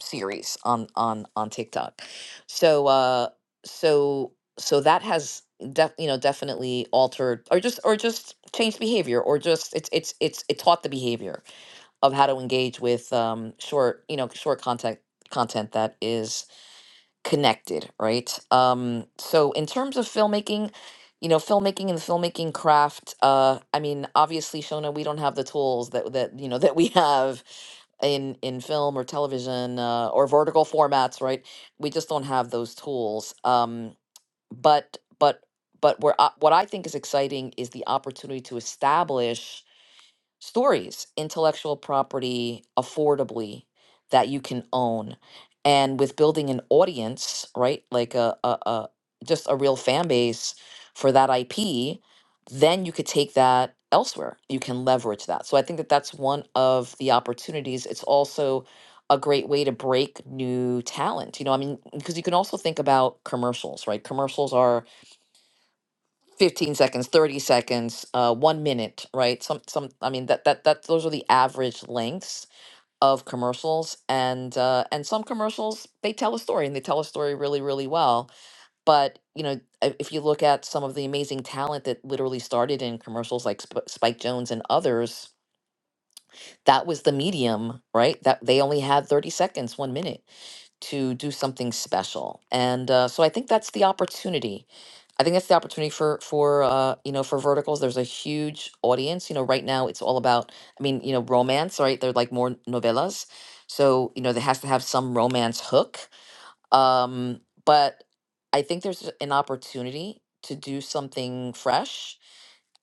series on on on TikTok. So uh so so that has def, you know definitely altered or just or just changed behavior or just it's it's it's it taught the behavior of how to engage with um short you know short content content that is connected, right? Um, so in terms of filmmaking, you know, filmmaking and the filmmaking craft, uh, I mean, obviously, Shona, we don't have the tools that that you know that we have in in film or television uh, or vertical formats, right? We just don't have those tools. Um, but but but where I, what I think is exciting is the opportunity to establish stories, intellectual property affordably that you can own. And with building an audience, right? Like a, a, a just a real fan base for that IP, then you could take that elsewhere. You can leverage that. So I think that that's one of the opportunities. It's also a great way to break new talent. You know, I mean, because you can also think about commercials, right? Commercials are 15 seconds 30 seconds uh one minute right some some i mean that that that those are the average lengths of commercials and uh and some commercials they tell a story and they tell a story really really well but you know i- if you look at some of the amazing talent that literally started in commercials like Sp- spike jones and others that was the medium, right? That they only had 30 seconds, one minute to do something special. And uh, so I think that's the opportunity. I think that's the opportunity for for uh, you know for verticals. There's a huge audience. You know, right now it's all about. I mean, you know, romance. Right? They're like more novellas, so you know there has to have some romance hook. Um, but I think there's an opportunity to do something fresh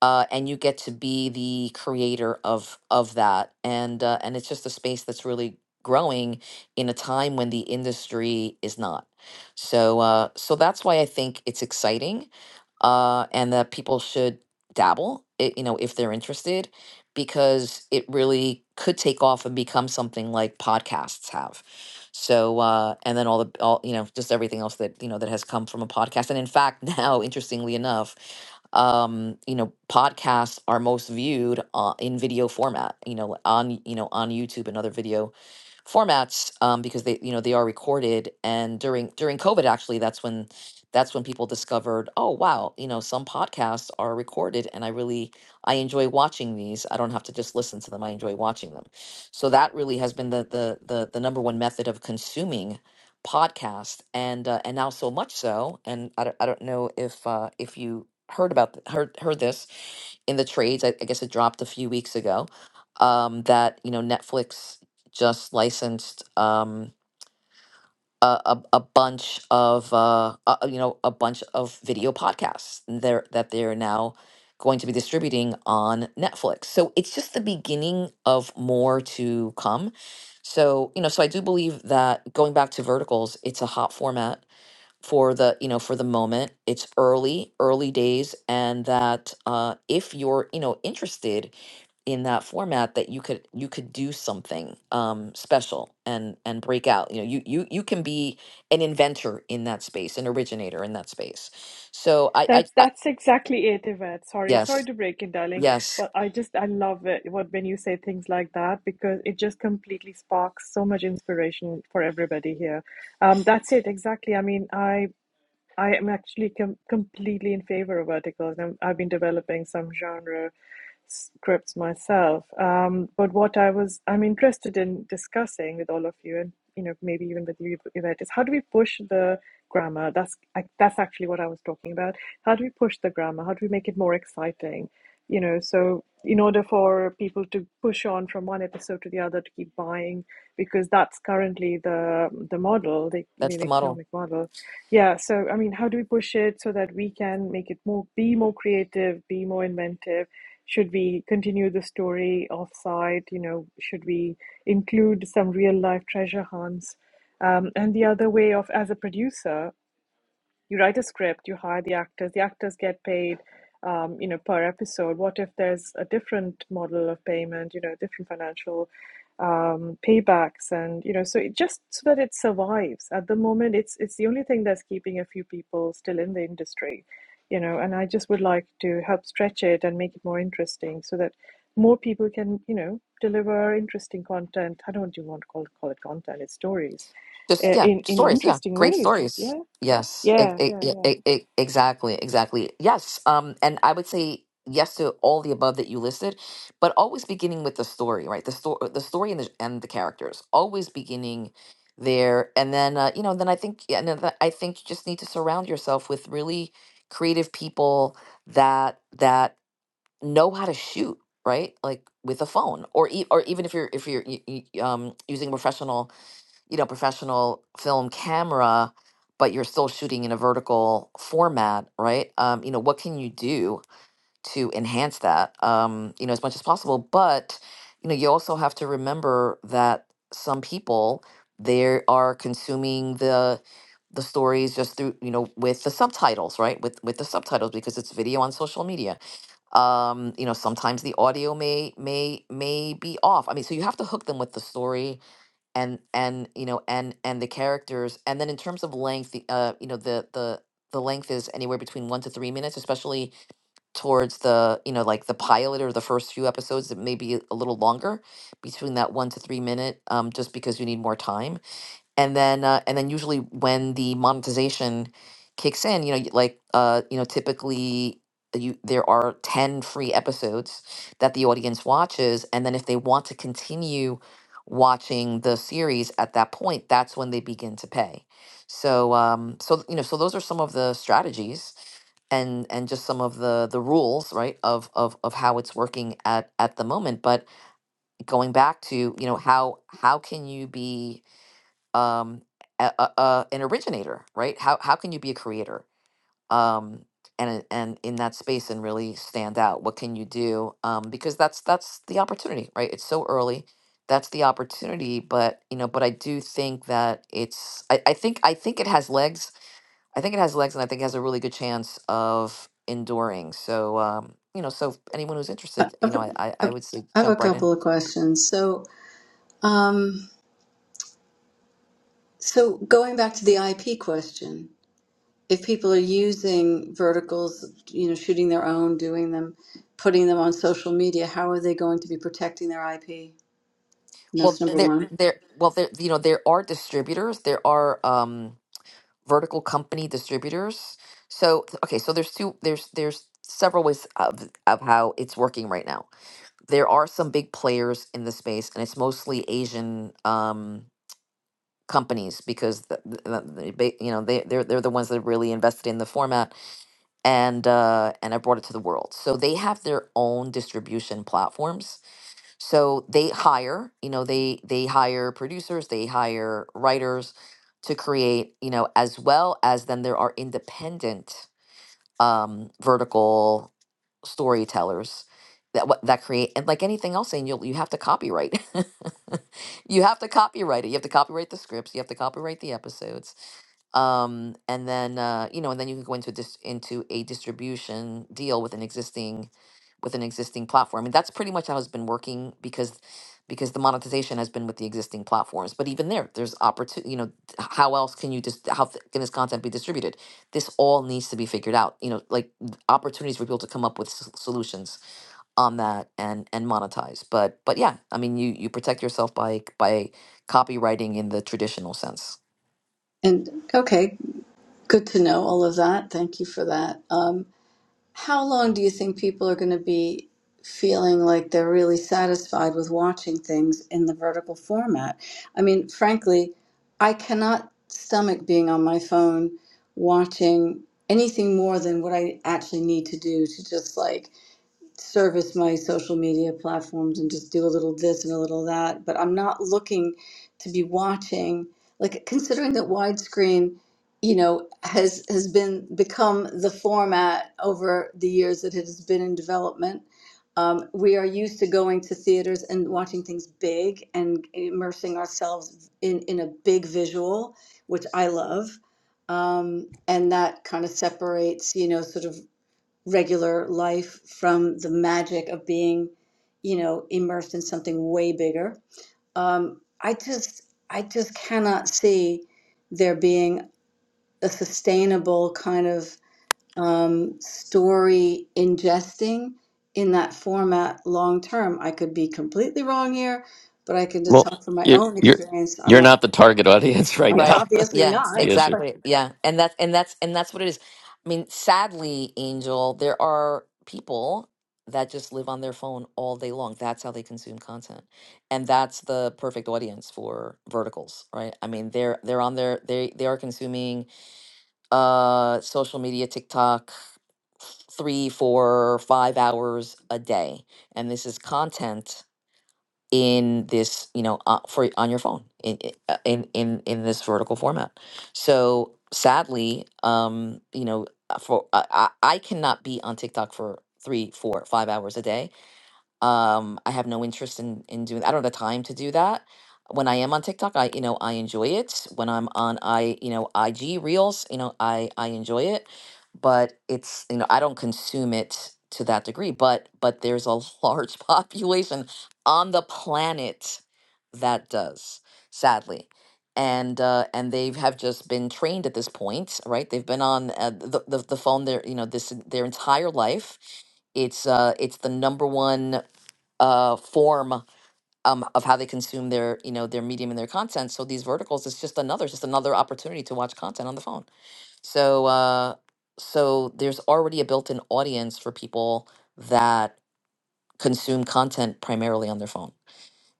uh, and you get to be the creator of of that and uh, and it's just a space that's really growing in a time when the industry is not so uh, so that's why I think it's exciting uh, and that people should dabble i you know if they're interested because it really could take off and become something like podcasts have so uh, and then all the all you know just everything else that you know that has come from a podcast and in fact now interestingly enough um, you know, podcasts are most viewed uh, in video format, you know, on, you know, on YouTube and other video formats, um, because they, you know, they are recorded. And during, during COVID, actually, that's when, that's when people discovered, oh, wow, you know, some podcasts are recorded and I really, I enjoy watching these. I don't have to just listen to them. I enjoy watching them. So that really has been the, the, the, the number one method of consuming podcast, and uh, and now so much so, and I don't, I don't know if uh, if you heard about th- heard heard this in the trades. I, I guess it dropped a few weeks ago. Um, that you know Netflix just licensed. Um, a, a, a bunch of uh, uh, you know a bunch of video podcasts there that they're now going to be distributing on Netflix. So it's just the beginning of more to come. So you know, so I do believe that going back to verticals, it's a hot format for the you know for the moment it's early early days and that uh if you're you know interested in that format that you could you could do something um special and and break out you know you you you can be an inventor in that space an originator in that space so i i,
That's
I
that's exactly it, Yvette. Sorry, sorry
yes
to break in, darling,
yes
but I just I love it what when you say things like that because it just completely sparks so much inspiration for everybody here. Um, that's it exactly. I mean, I I am actually com completely in favor of verticals. and I've been developing some genre scripts myself. Um, but what I was, I'm interested in discussing with all of you, and you know, maybe even with you, Yvette, is how do we push the grammar? That's I, that's actually what I was talking about. How do we push the grammar? How do we make it more exciting? You know, so in order for people to push on from one episode to the other to keep buying, because that's currently the the model, the the
that's the model
economic model yeah, so I mean, how do we push it so that we can make it more, be more creative, be more inventive? Should we continue the story offsite? You know, should we include some real life treasure hunts? Um, and the other way of, as a producer, you write a script, you hire the actors, the actors get paid, um, you know, per episode. What if there's a different model of payment, you know, different financial um, paybacks, and you know, so it just so that it survives. At the moment, it's it's the only thing that's keeping a few people still in the industry, you know. And I just would like to help stretch it and make it more interesting, so that more people can, you know, deliver interesting content. I don't even want to call it, call it content; it's stories
just
uh,
yeah
in in
stories yeah
interesting
great
ways.
stories
Yeah.
yes it,
Yeah,
it,
yeah,
it,
yeah.
it, it- exactly exactly yes um and i would say yes to all the above that you listed but always beginning with the story right the story the story and the, and the characters always beginning there and then uh, you know then i think yeah and then th- i think you just need to surround yourself with really creative people that that know how to shoot right like with a phone or e- or even if you're if you're y- y- um using a professional you know, professional film camera, but you're still shooting in a vertical format, right? Um, you know, what can you do to enhance that, um, you know, as much as possible? But, you know, you also have to remember that some people they are consuming the the stories just through you know with the subtitles right with with the subtitles because it's video on social media um you know sometimes the audio may may may be off i mean so you have to hook them with the story and and you know and and the characters and then in terms of length the, uh you know the the the length is anywhere between one to three minutes especially towards the you know like the pilot or the first few episodes it may be a little longer between that one to three minute um just because you need more time and then uh, and then usually when the monetization kicks in you know y- like uh you know typically you there are 10 free episodes that the audience watches and then if they want to continue watching the series at that point that's when they begin to pay so um so you know so those are some of the strategies and and just some of the the rules right of of of how it's working at at the moment but going back to you know how how can you be um a, a, a- an originator right how how can you be a creator um and and in that space and really stand out what can you do um because that's that's the opportunity right it's so early that's the opportunity but you know but i do think that it's i, I think i think it has legs i think it has legs and i think it has a really good chance of enduring so um you know so anyone who's
I
interested you
have a
know
okay,
i i,
I
I would say
have a
jump right in
couple of questions. So, um, so going back to the IP question, if people are using verticals, you know, shooting their own, doing them, putting them on social media, how are they going to be protecting their IP? And
well
that's number
there
one.
there well there you know there are distributors there are um vertical company distributors. So okay, so there's two there's there's several ways of of how it's working right now. There are some big players in the space, and it's mostly Asian um, companies because the, the, the, they- you know they they're they're the ones that really invested in the format and uh, and I brought it to the world. So they have their own distribution platforms so they hire you know they they hire producers they hire writers to create you know as well as then there are independent um vertical storytellers that what that create and like anything else and you'll you have to copyright you have to copyright it you have to copyright the scripts you have to copyright the episodes um and then uh you know and then you can go into a dis- into a distribution deal with an existing with an existing platform. I mean that's pretty much how it's been working because because the monetization has been with the existing platforms. But even there, there's opportunity, you know, t- how else can you just how th- can this content be distributed? This all needs to be figured out. You know, like th- opportunities for people to come up with s- solutions on that and and monetize. But but yeah, I mean you you protect yourself by by copywriting in the traditional sense.
And okay, good to know all of that. Thank you for that. Um, How long do you think people are going to be feeling like they're really satisfied with watching things in the vertical format? I mean, frankly, I cannot stomach being on my phone watching anything more than what I actually need to do to just like service my social media platforms and just do a little this and a little that, but I'm not looking to be watching like considering that widescreen, you know, has has been become the format over the years that it has been in development. Um, we are used to going to theaters and watching things big and immersing ourselves in, in a big visual, which I love um, and that kind of separates, you know, sort of regular life from the magic of being, you know, immersed in something way bigger. Um, I just, I just cannot see there being a sustainable kind of um, story ingesting in that format long term. I could be completely wrong here, but I can just
Well,
talk from my
you're
own
you're
experience. I'm
you're
not
not the target audience right
like
now.
Right.
obviously
Yeah,
That's the
not.
issue.
exactly. Yeah. And that's and that's and that's what it is. I mean, sadly, Angel, there are people that just live on their phone all day long. That's how they consume content. And that's the perfect audience for verticals, right? I mean, they're they're on their they they are consuming uh social media tiktok three four five hours a day and this is content in this you know uh, for on your phone in i- uh, in in in this vertical format so sadly um you know uh, for i i I cannot be on tiktok for three four five hours a day um, I have no interest in in doing. I don't have the time to do that. When I am on TikTok, I you know I enjoy it. When I'm on I you know IG Reels, you know I I enjoy it, but it's you know I don't consume it to that degree. But but there's a large population on the planet that does, sadly. And uh, and they have just been trained at this point, right? They've been on uh, the, the the phone their you know this their entire life, it's uh it's the number one uh, form um, of how they consume their you know their medium and their content. So these verticals is just another just another opportunity to watch content on the phone. So uh, so there's already a built-in audience for people that consume content primarily on their phone,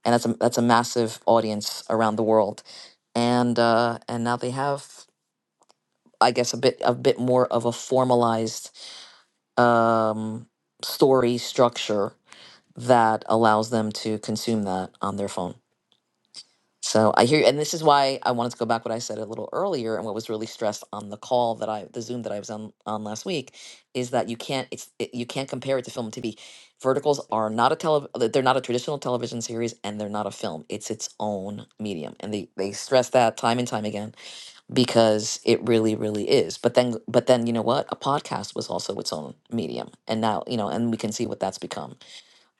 and that's a that's a massive audience around the world. And uh, and now they have I guess a bit a bit more of a formalized um, story structure that allows them to consume that on their phone. So I hear, and this is why I wanted to go back what I said a little earlier, and what was really stressed on the call that I, the Zoom that I was on on last week, is that you can't, it's it, you can't compare it to film and TV. Verticals are not a tele, they're not a traditional television series, and they're not a film. It's its own medium, and they they stress that time and time again because it really, really is. But then, but then you know what? A podcast was also its own medium, and now you know, and we can see what that's become.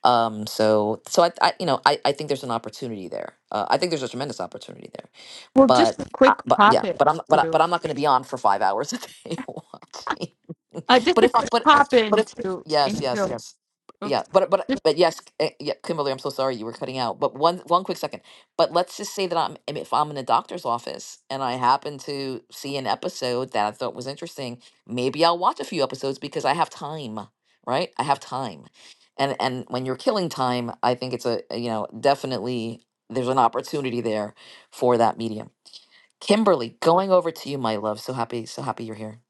Um, so, so I, I, you know, I, I think there's an opportunity there. Uh, I think there's a tremendous opportunity there,
Well, just
but,
a
I,
quick
but
pop
yeah, but
in
I'm, but, I, but
to,
I'm not going to be on for five hours a day watching.
uh, just
but
a
if I,
quick
but,
pop
but
in
if
to
yes, yes,
Angel.
yes,
Oops.
yeah, but, but, but yes, eh, yeah, Kimberly, I'm so sorry you were cutting out. But one, one quick second. But let's just say that I'm, I mean, if I'm in a doctor's office and I happen to see an episode that I thought was interesting, maybe I'll watch a few episodes because I have time, right? I have time and and when you're killing time i think it's a a, you know definitely there's an opportunity there for that medium kimberly going over to you my love so happy so happy you're here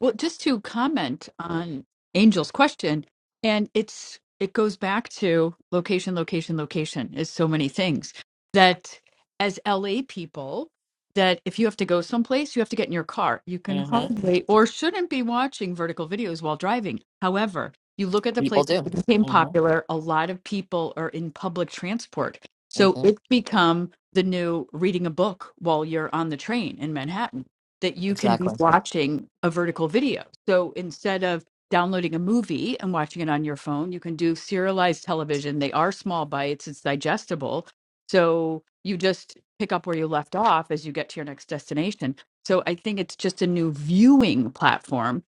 Well, just to comment on Angel's question, and it's it goes back to location, location, location is so many things that as LA people, that if you have to go someplace, you have to get in your car. You can
hmm
hardly or shouldn't be watching vertical videos while driving. However, you look at the
people
places
do
that became
hmm
popular, a lot of people are in public transport. So
hmm
it's become the new reading a book while you're on the train in Manhattan that you can be
exactly
watching a vertical video. So instead of downloading a movie and watching it on your phone, you can do serialized television. They are small bites, it's digestible. So you just pick up where you left off as you get to your next destination. So I think it's just a new viewing platform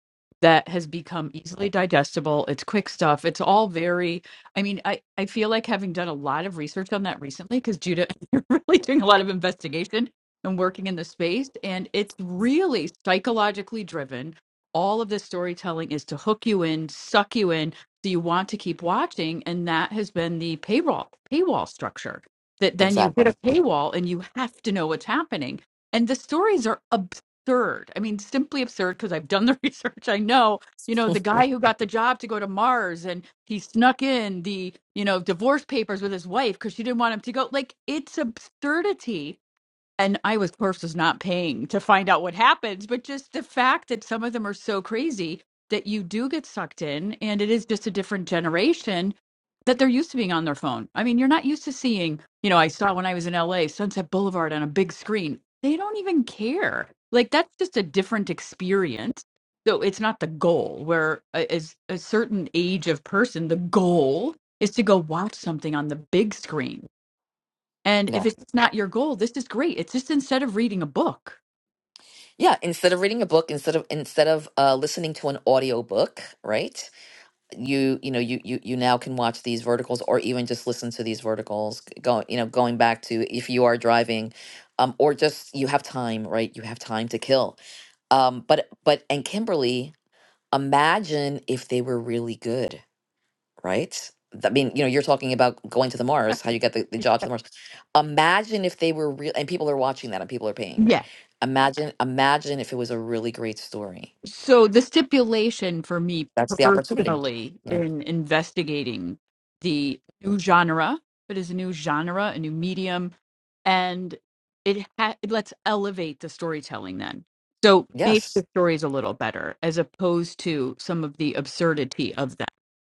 that has become easily digestible. It's quick stuff. It's all very I mean, I, I feel like having done a lot of research on that recently, because Judah, you're really doing a lot of investigation and working in the space. And it's really psychologically driven. All of this storytelling is to hook you in, suck you in, so you want to keep watching. And that has been the paywall paywall structure. That then you hit
exactly
a paywall and you have to know what's happening. And the stories are absurd. I mean, simply absurd because I've done the research. I know, you know, the guy who got the job to go to Mars and he snuck in the, you know, divorce papers with his wife because she didn't want him to go. Like, it's absurdity and I, was, of course, was not paying to find out what happens, but just the fact that some of them are so crazy that you do get sucked in, and it is just a different generation that they're used to being on their phone. I mean, you're not used to seeing, you know, I saw when I was in LA, Sunset Boulevard on a big screen. They don't even care. Like, that's just a different experience. So it's not the goal, where a- as a certain age of person, the goal is to go watch something on the big screen and
Yeah.
if it's not your goal, this is great. It's just instead of reading a book.
Yeah, instead of reading a book, instead of instead of uh listening to an audio book, right? You you know, you you you now can watch these verticals or even just listen to these verticals g- going, you know, going back to if you are driving um or just you have time, right? You have time to kill. Um but but and Kimberly Imagine if they were really good, right? I mean, you know, you're talking about going to the Mars, how you got the, the job to the Mars. Imagine if they were real, and people are watching that and people are paying. r-
yeah.
Imagine, imagine if it was a really great story.
So the stipulation for me
That's the opportunity.
personally
Yeah.
in investigating the new genre, it is a new genre, a new medium, and it, ha- it lets elevate the storytelling then. So make
Yes.
the stories a little better as opposed to some of the absurdity of them.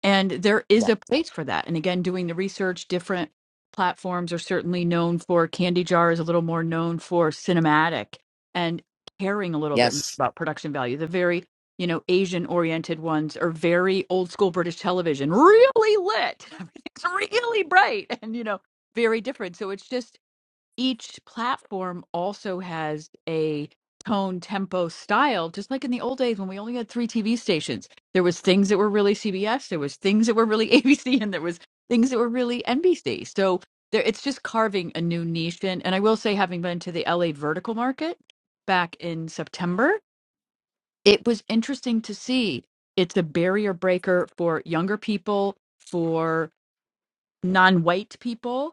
And there is
Yeah.
a place for that. And again, doing the research, different platforms are certainly known for Candy Jar is a little more known for cinematic. and caring a little bit
Yes.
about production value. The very, you know, Asian oriented ones are very old school British television, really lit. Everything's really bright and, you know, very different. So it's just each platform also has a tone, tempo, style, just like in the old days when we only had three TV stations. There was things that were really CBS, there was things that were really ABC, and there was things that were really NBC. So there, it's just carving a new niche in. And I will say, having been to the LA vertical market back in September, it was interesting to see. It's a barrier breaker for younger people, for non-white people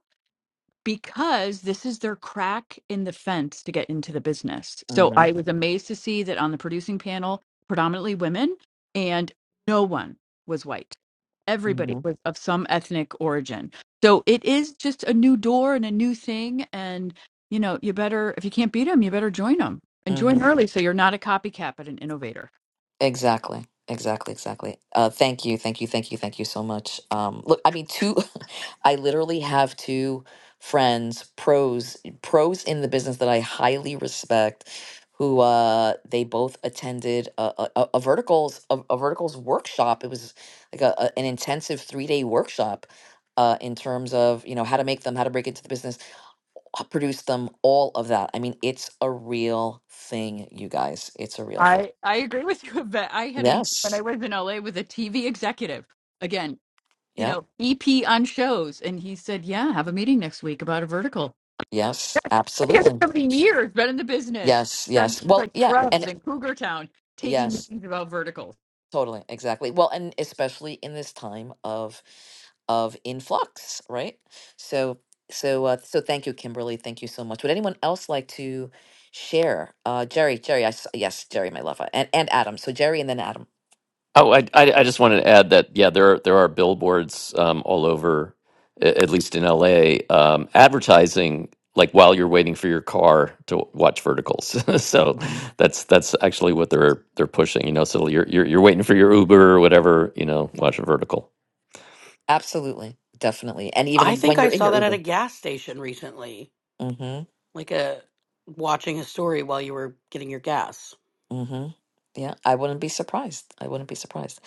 because this is their crack in the fence to get into the business. So
Mm-hmm.
I was amazed to see that on the producing panel, predominantly women, and no one was white. Everybody
Mm-hmm.
was of some ethnic origin. So it is just a new door and a new thing. And, you know, you better, if you can't beat them, you better join them and
Mm-hmm.
join early so you're not a copycat, but an innovator.
Exactly. Exactly. Exactly. Uh, thank you. Thank you. Thank you. Thank you so much. Um, look, I mean, two. I literally have two friends, pros, pros in the business that I highly respect, who uh, they both attended a, a, a a verticals a, a verticals workshop. It was like a, a- an intensive three day workshop uh, in terms of you know how to make them, how to break into the business, uh, produce them, all of that. I mean, it's a real thing, you guys. It's a real thing.
I, I agree with you, Yvette. I had a, when I
Yes.
was in LA with a TV executive. Again, you
Yep.
know, EP on shows. And he said, Yeah, have a meeting next week about a vertical.
Yes,
He has
absolutely.
so many years, been in the business,
Yes,
done
yes.
things
Well,
like
yeah,
Scrubs
and
and Cougar Town, taking
yes.
meetings about verticals.
Totally, exactly. Well, and especially in this time of of influx, right? So so uh, so thank you, Kimberly. Thank you so much. Would anyone else like to share? Uh, Jerry, Jerry, I, s- yes, Jerry, my lover, and and Adam. So Jerry and then Adam.
Oh, I I, I just wanted to add that yeah, there are there are billboards um, all over, a- at least in LA, um, advertising like while you're waiting for your car to watch verticals. so
Mhm.
that's that's actually what they're they're pushing. You know, so you're you're, you're waiting for your Uber or whatever. You know, watch a vertical.
Absolutely, definitely, and even
I
if-
think
when
I
you're in
saw
your
that at
Uber.
a gas station recently,
Mm-hmm.
like a watching a story while you were getting your gas.
Mm-hmm. Yeah, I wouldn't be surprised. I wouldn't be surprised.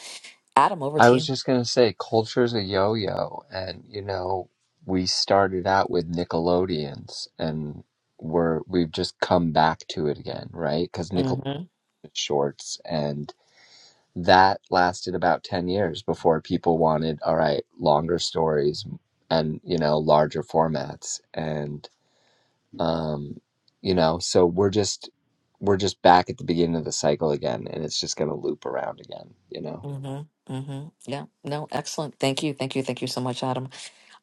Adam, over
i
to
was
you.
just going to say culture's a yo-yo and you know we started out with nickelodeons and we're we've just come back to it again right because nickelodeon
Mm-hmm.
shorts and that lasted about 10 years before people wanted all right longer stories and you know larger formats and um, you know so we're just we're just back at the beginning of the cycle again and it's just going to loop around again you know
Mm-hmm. Mm-hmm. Yeah. No, excellent. Thank you. Thank you. Thank you so much, Adam.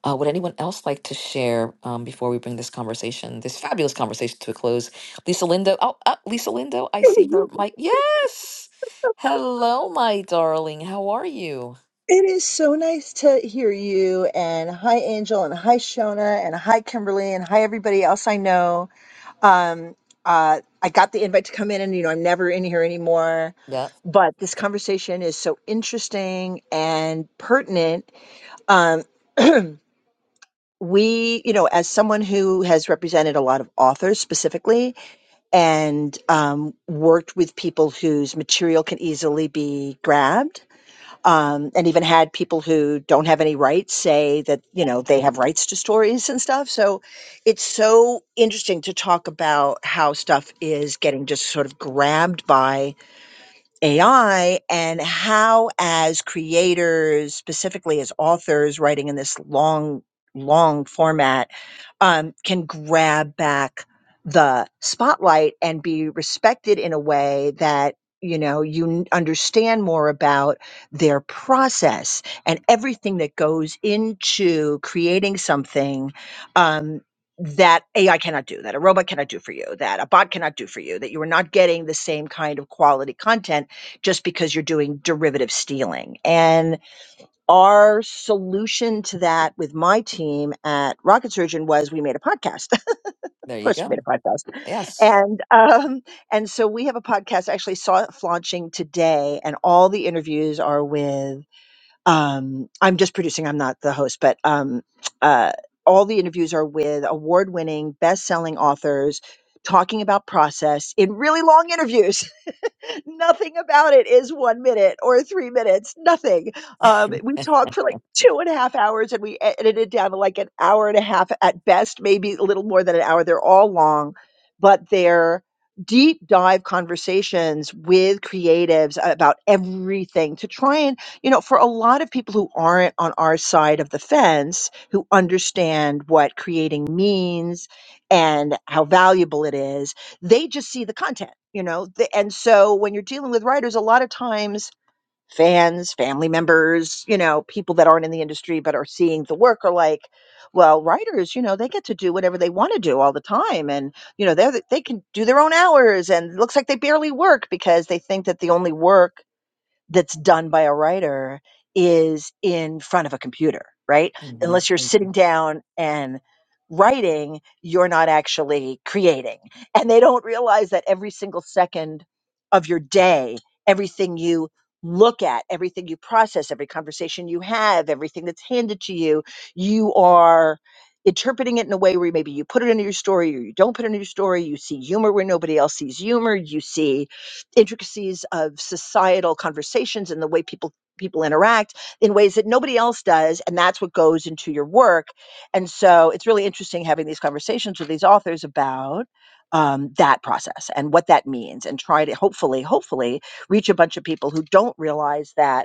Uh, would anyone else like to share um, before we bring this conversation, this fabulous conversation to a close? Lisa Lindo. Oh, uh, Lisa Lindo, I see her mic. Yes. Hello, my darling. How are you?
It is so nice to hear you. And hi, Angel, and hi, Shona, and hi, Kimberly, and hi, everybody else I know. Um, uh, I got the invite to come in, and you know, I'm never in here anymore.
Yeah.
But this conversation is so interesting and pertinent. Um, we, you know, as someone who has represented a lot of authors specifically and um, worked with people whose material can easily be grabbed um, and even had people who don't have any rights say that you know they have rights to stories and stuff so it's so interesting to talk about how stuff is getting just sort of grabbed by AI and how, as creators, specifically as authors writing in this long, long format, um, can grab back the spotlight and be respected in a way that you know you n- understand more about their process and everything that goes into creating something um, that AI cannot do, that a robot cannot do for you, that a bot cannot do for you, that you are not getting the same kind of quality content just because you're doing derivative stealing. And our solution to that with my team at Rocket Surgeon was we made a podcast. of
There you
course, we made
go.
a podcast,
Yes.
and um, and so we have a podcast. I actually saw it launching today, and all the interviews are with. Um, I'm just producing. I'm not the host, but um, uh, all the interviews are with award-winning, best-selling authors talking about process in really long interviews nothing about it is one minute or three minutes. Nothing. Um, we talked for like two and a half hours, and we e- edited it down to like an hour and a half at best, maybe a little more than an hour. They're all long, but they're deep dive conversations with creatives about everything to try and you know for a lot of people who aren't on our side of the fence who understand what creating means and how valuable it is they just see the content, you know. The, and so when you're dealing with writers, a lot of times fans, family members, you know, people that aren't in the industry but are seeing the work are like, well, writers, you know, they get to do whatever they want to do all the time, and you know, they are they can do their own hours, and it looks like they barely work because they think that the only work that's done by a writer is in front of a computer, right? Unless you're
Mhm,
sitting down and writing, you're not actually creating. And they don't realize that every single second of your day, everything you look at, everything you process, every conversation you have, everything that's handed to you, you are interpreting it in a way where maybe you put it into your story or you don't put it into your story. You see humor where nobody else sees humor. You see intricacies of societal conversations and the way people people interact in ways that nobody else does and that's what goes into your work and so it's really interesting having these conversations with these authors about um, that process and what that means and try to hopefully hopefully reach a bunch of people who don't realize that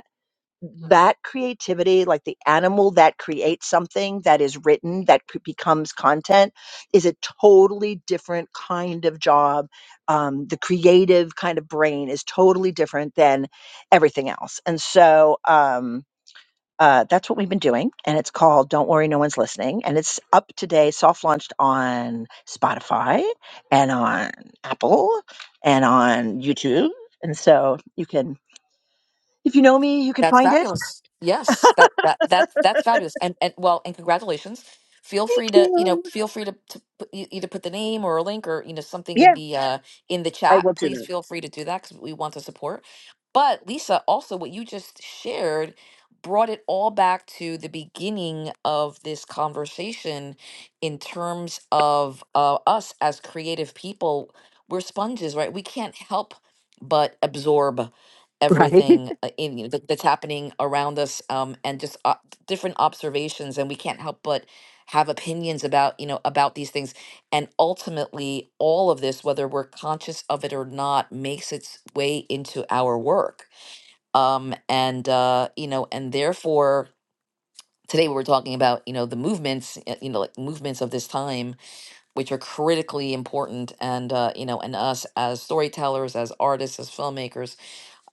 that creativity, like the animal that creates something that is written, that c- becomes content, is a totally different kind of job. Um, the creative kind of brain is totally different than everything else. And so um, uh, that's what we've been doing. And it's called Don't Worry, No One's Listening. And it's up today, soft launched on Spotify and on Apple and on YouTube. And so you can, if you know me, you can
That's
find it.
fabulous. Yes, that that that that's fabulous. And and well, and congratulations. Feel
Thank
free to you
you.
know feel free to, to put, e- either put the name or a link or you know something in
Yeah,
the uh in the
I
chat.
will do
Please
that.
feel free to do that because we want to support. But Lisa, also what you just shared brought it all back to the beginning of this conversation in terms of uh, us as creative people. We're sponges, right? We can't help but absorb
Right.
everything uh, in, you know, that- that's happening around us um, and just uh, different observations and we can't help but have opinions about you know about these things and ultimately all of this whether we're conscious of it or not makes its way into our work um, and uh, you know and therefore today we were talking about you know the movements uh, you know like movements of this time which are critically important and uh, you know and us as storytellers as artists as filmmakers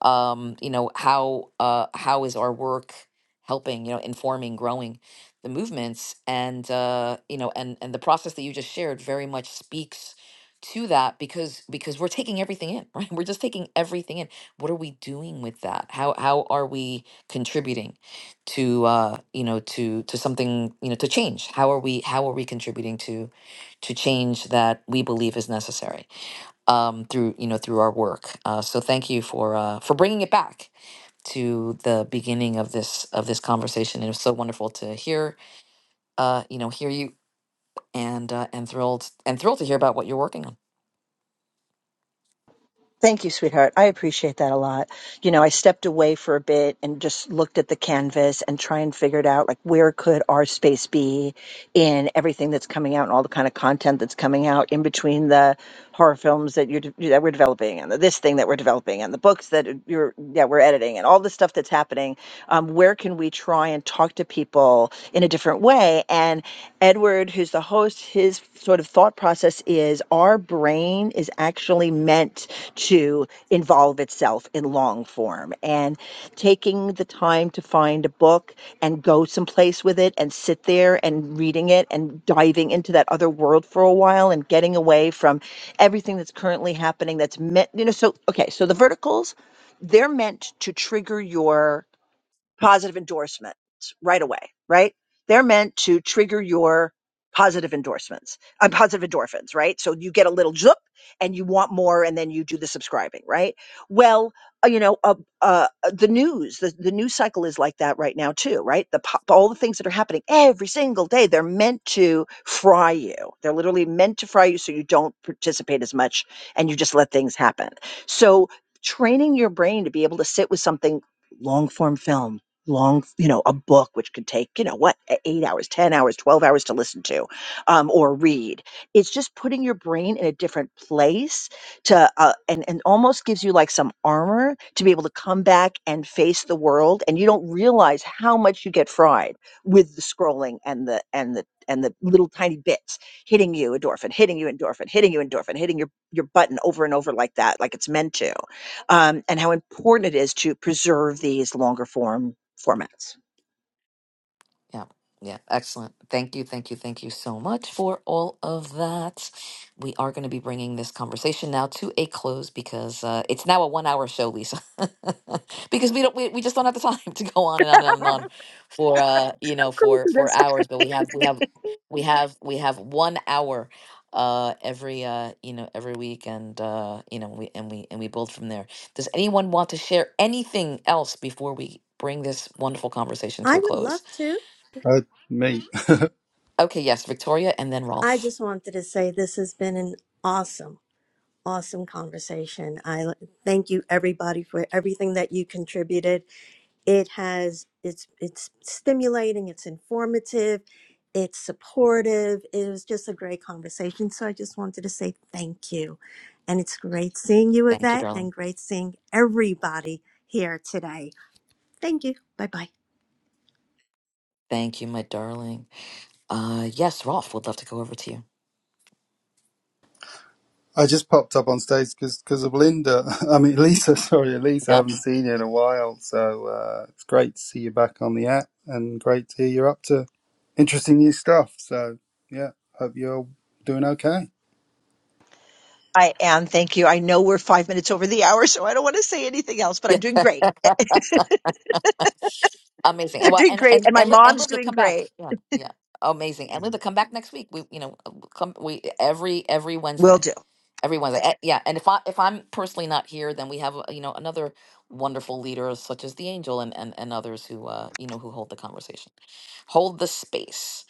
um, you know how uh, how is our work helping you know informing growing the movements and uh, you know and and the process that you just shared very much speaks to that because because we're taking everything in right we're just taking everything in what are we doing with that how how are we contributing to uh you know to to something you know to change how are we how are we contributing to to change that we believe is necessary um, through you know through our work. Uh, so thank you for uh, for bringing it back to the beginning of this of this conversation. It was so wonderful to hear uh, you know hear you and uh, and thrilled and thrilled to hear about what you're working on.
Thank you, sweetheart. I appreciate that a lot. You know, I stepped away for a bit and just looked at the canvas and try and figured out like where could our space be in everything that's coming out and all the kind of content that's coming out in between the horror films that you're de- that we're developing and the, this thing that we're developing and the books that you're that we're editing and all the stuff that's happening um, where can we try and talk to people in a different way and edward who's the host his sort of thought process is our brain is actually meant to involve itself in long form and taking the time to find a book and go someplace with it and sit there and reading it and diving into that other world for a while and getting away from everything that's currently happening that's meant you know so okay so the verticals they're meant to trigger your positive endorsements right away, right? They're meant to trigger your positive endorsements, uh, positive endorphins, right? So you get a little zup and you want more and then you do the subscribing, right? Well, uh, you know, uh, uh, uh, the news, the, the news cycle is like that right now too, right? The po- all the things that are happening every single day, they're meant to fry you. They're literally meant to fry you so you don't participate as much and you just let things happen. So training your brain to be able to sit with something long form film long you know a book which could take you know what e- eight hours ten hours 12 hours to listen to um, or read it's just putting your brain in a different place to uh, and and almost gives you like some armor to be able to come back and face the world and you don't realize how much you get fried with the scrolling and the and the and the little tiny bits hitting you endorphin hitting you endorphin hitting you endorphin hitting your your button over and over like that like it's meant to um, and how important it is to preserve these longer form formats.
Yeah, yeah, excellent. Thank you, thank you, thank you so much for all of that. We are going to be bringing this conversation now to a close because uh, it's now a one-hour show, Lisa. because we don't, we, we just don't have the time to go on and on and on and on for uh, you know, for for hours. But we have, we have, we have, we have one hour uh every uh you know every week and uh you know we and we and we build from there does anyone want to share anything else before we bring this wonderful conversation to
I
a
would
close
love to.
Uh, me.
Okay, yes, Victoria and then
I
Rolf.
just wanted to say this has been an awesome, awesome conversation. I l- thank you everybody for everything that you contributed. It has it's it's stimulating, it's informative, it's supportive. It was just a great conversation. So I just wanted to say thank you. And it's great seeing you,
Thank you,
Yvette,
darling.
and great seeing everybody here today. Thank you. Bye bye.
Thank you, my darling. Uh yes, Rolf, would love to go over to you.
I just popped up on stage because of Linda. I mean, Lisa, sorry, Lisa. I
Yep.
haven't seen you in a while. So uh, it's great to see you back on the app and great to hear you're up to interesting new stuff. So, yeah, hope you're doing okay.
I am. Thank you. I know we're five minutes over the hour, so I don't want to say anything else, but
Yeah.
I'm doing great.
Amazing. And
I'm
well
doing
and
great,
and
and my
and, Li- and
mom's
Liv to
doing
come back.
great.
Yeah. Yeah. Amazing. And Liv to come back next week. We you know come we every every Wednesday.
Will do.
Everyone's like, "Eh, yeah. And if I if I'm personally not here, then we have uh, you know another wonderful leader such as the angel and and, and others who uh you know who hold the conversation, hold the space.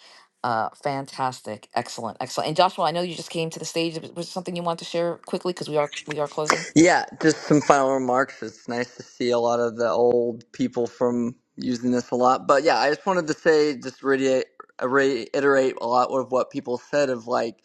Uh, fantastic, excellent, excellent. And Joshua, I know you just came to the stage. Was was something you want to share quickly because we are we are closing.
Yeah, just some final remarks. It's nice to see a lot of the old people from using this a lot. But yeah, I just wanted to say, just reiterate, reiterate a lot of what people said of like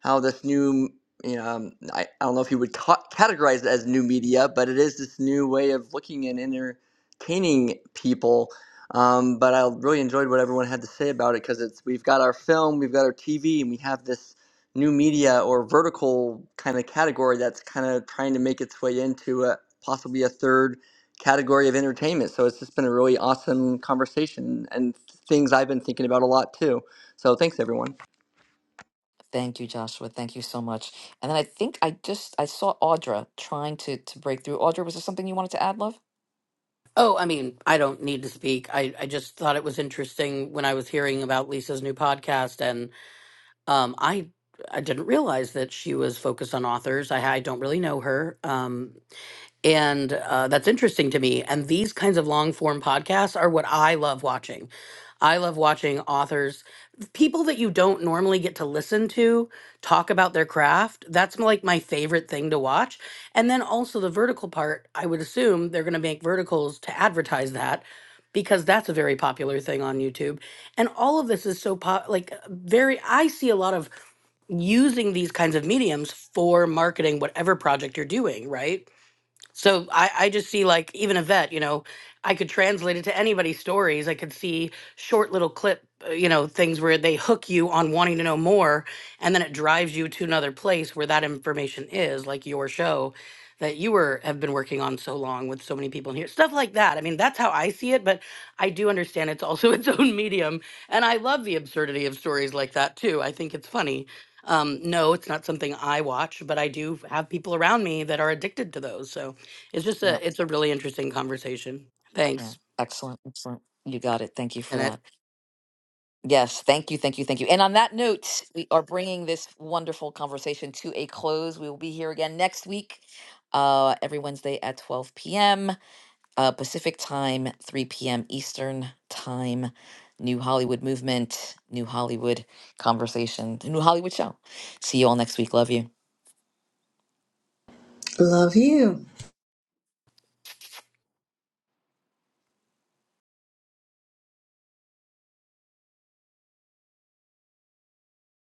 how this new, you know, um, I, I don't know if you would ca- categorize it as new media, but it is this new way of looking and entertaining people. Um, but I really enjoyed what everyone had to say about it because it's we've got our film, we've got our TV, and we have this new media or vertical kind of category that's kind of trying to make its way into a, possibly a third category of entertainment. So it's just been a really awesome conversation and things I've been thinking about a lot too. So thanks, everyone.
Thank you, Joshua. Thank you so much. And then I think I just I saw Audra trying to to break through. Audra, was there something you wanted to add, love?
Oh, I mean, I don't need to speak. I, I just thought it was interesting when I was hearing about Lisa's new podcast, and um, I I didn't realize that she was focused on authors. I, I don't really know her, um, and uh, that's interesting to me and these kinds of long form podcasts are what i love watching i love watching authors people that you don't normally get to listen to talk about their craft that's m- like my favorite thing to watch and then also the vertical part i would assume they're going to make verticals to advertise that because that's a very popular thing on youtube and all of this is so pop like very i see a lot of using these kinds of mediums for marketing whatever project you're doing right so I, I just see like even a vet, you know, I could translate it to anybody's stories. I could see short little clip, uh, you know, things where they hook you on wanting to know more, and then it drives you to another place where that information is, like your show that you were have been working on so long with so many people in here. Stuff like that. I mean, that's how I see it, but I do understand it's also its own medium, and I love the absurdity of stories like that too. I think it's funny. Um, no, it's not something I watch, but I do have people around me that are addicted to those. So it's just
No.
a it's a really interesting conversation.
Yeah.
Thanks,
Excellent. Excellent. You got it. Thank you for that.
Bennett.
Yes, thank you, thank you, thank you. And on that note, we are bringing this wonderful conversation to a close. We will be here again next week, uh, every Wednesday at 12 p.m. Uh, Pacific time, 3 p.m. Eastern time. New Hollywood movement, New Hollywood conversation, New Hollywood show. See you all next week. Love you.
Love you.